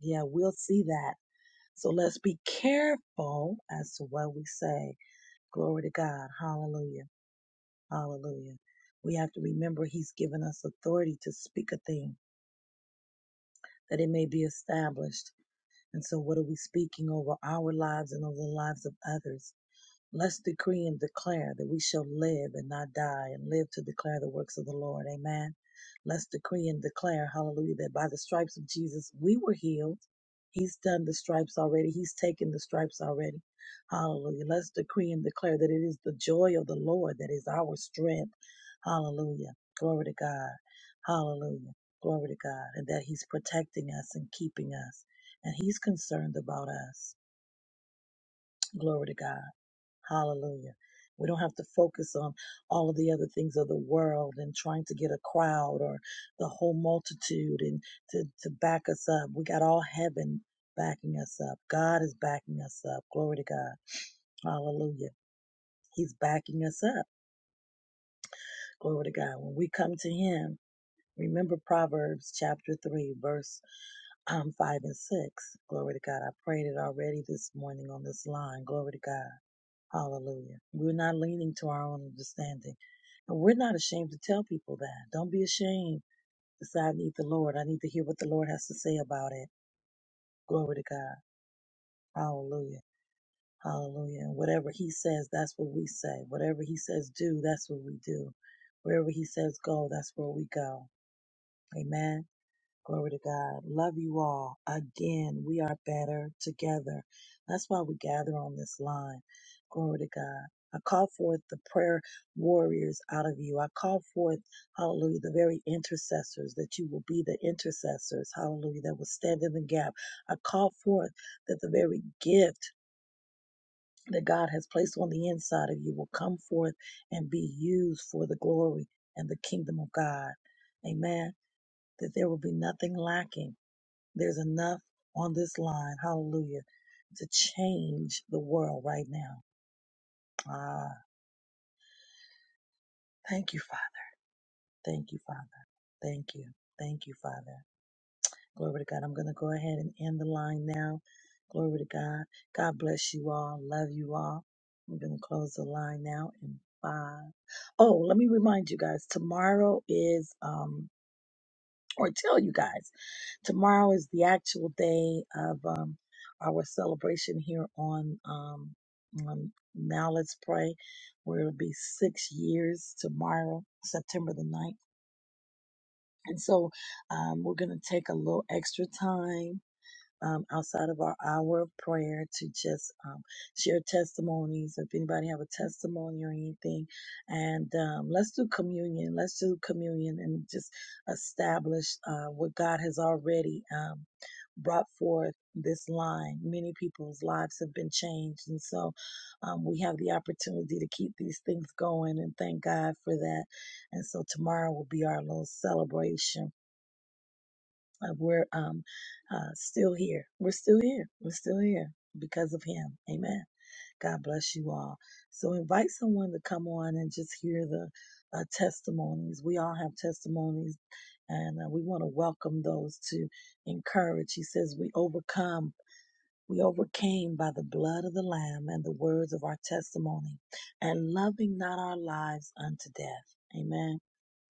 Speaker 1: yeah, we'll see that. So let's be careful as to what we say. Glory to God. Hallelujah. Hallelujah. We have to remember He's given us authority to speak a thing that it may be established. And so, what are we speaking over our lives and over the lives of others? Let's decree and declare that we shall live and not die and live to declare the works of the Lord. Amen. Let's decree and declare, hallelujah, that by the stripes of Jesus we were healed. He's done the stripes already. He's taken the stripes already. Hallelujah. Let's decree and declare that it is the joy of the Lord that is our strength. Hallelujah. Glory to God. Hallelujah. Glory to God. And that He's protecting us and keeping us. And He's concerned about us. Glory to God. Hallelujah. We don't have to focus on all of the other things of the world and trying to get a crowd or the whole multitude and to, to back us up. We got all heaven backing us up. God is backing us up. Glory to God. Hallelujah. He's backing us up. Glory to God. When we come to Him, Remember Proverbs chapter 3, verse um, 5 and 6. Glory to God. I prayed it already this morning on this line. Glory to God. Hallelujah. We're not leaning to our own understanding. And we're not ashamed to tell people that. Don't be ashamed to say, I need the Lord. I need to hear what the Lord has to say about it. Glory to God. Hallelujah. Hallelujah. And whatever He says, that's what we say. Whatever He says, do, that's what we do. Wherever He says, go, that's where we go. Amen. Glory to God. Love you all. Again, we are better together. That's why we gather on this line. Glory to God. I call forth the prayer warriors out of you. I call forth, hallelujah, the very intercessors that you will be the intercessors, hallelujah, that will stand in the gap. I call forth that the very gift that God has placed on the inside of you will come forth and be used for the glory and the kingdom of God. Amen. That there will be nothing lacking there's enough on this line, hallelujah, to change the world right now. Ah, thank you, Father. Thank you, Father. Thank you. Thank you, Father. Glory to God. I'm going to go ahead and end the line now. Glory to God. God bless you all. Love you all. I'm going to close the line now in five. Oh, let me remind you guys tomorrow is, um, or tell you guys. Tomorrow is the actual day of um, our celebration here on um, on Now Let's Pray, where it'll be six years tomorrow, September the ninth, And so um, we're going to take a little extra time um, outside of our hour of prayer to just um, share testimonies. If anybody have a testimony or anything, and um, let's do communion. Let's do communion and just establish uh, what God has already um, brought forth this line. Many people's lives have been changed, and so um, we have the opportunity to keep these things going. And thank God for that. And so tomorrow will be our little celebration uh, we're um, uh, still here. We're still here. We're still here because of Him. Amen. God bless you all. So invite someone to come on and just hear the uh, testimonies. We all have testimonies, and uh, we want to welcome those to encourage. He says, We overcome. We overcame by the blood of the Lamb and the words of our testimony, and loving not our lives unto death. Amen.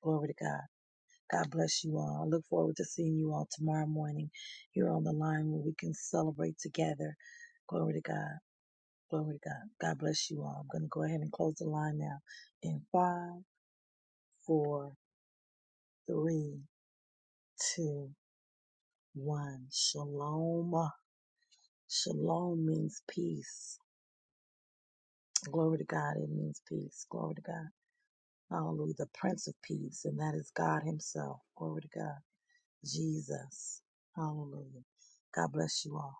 Speaker 1: Glory to God. God bless you all. I look forward to seeing you all tomorrow morning here on the line where we can celebrate together. Glory to God. Glory to God. God bless you all. I'm going to go ahead and close the line now in five, four, three, two, one. Shalom. Shalom means peace. Glory to God. It means peace. Glory to God. Hallelujah. The Prince of Peace, and that is God Himself. Glory to God. Jesus. Hallelujah. God bless you all.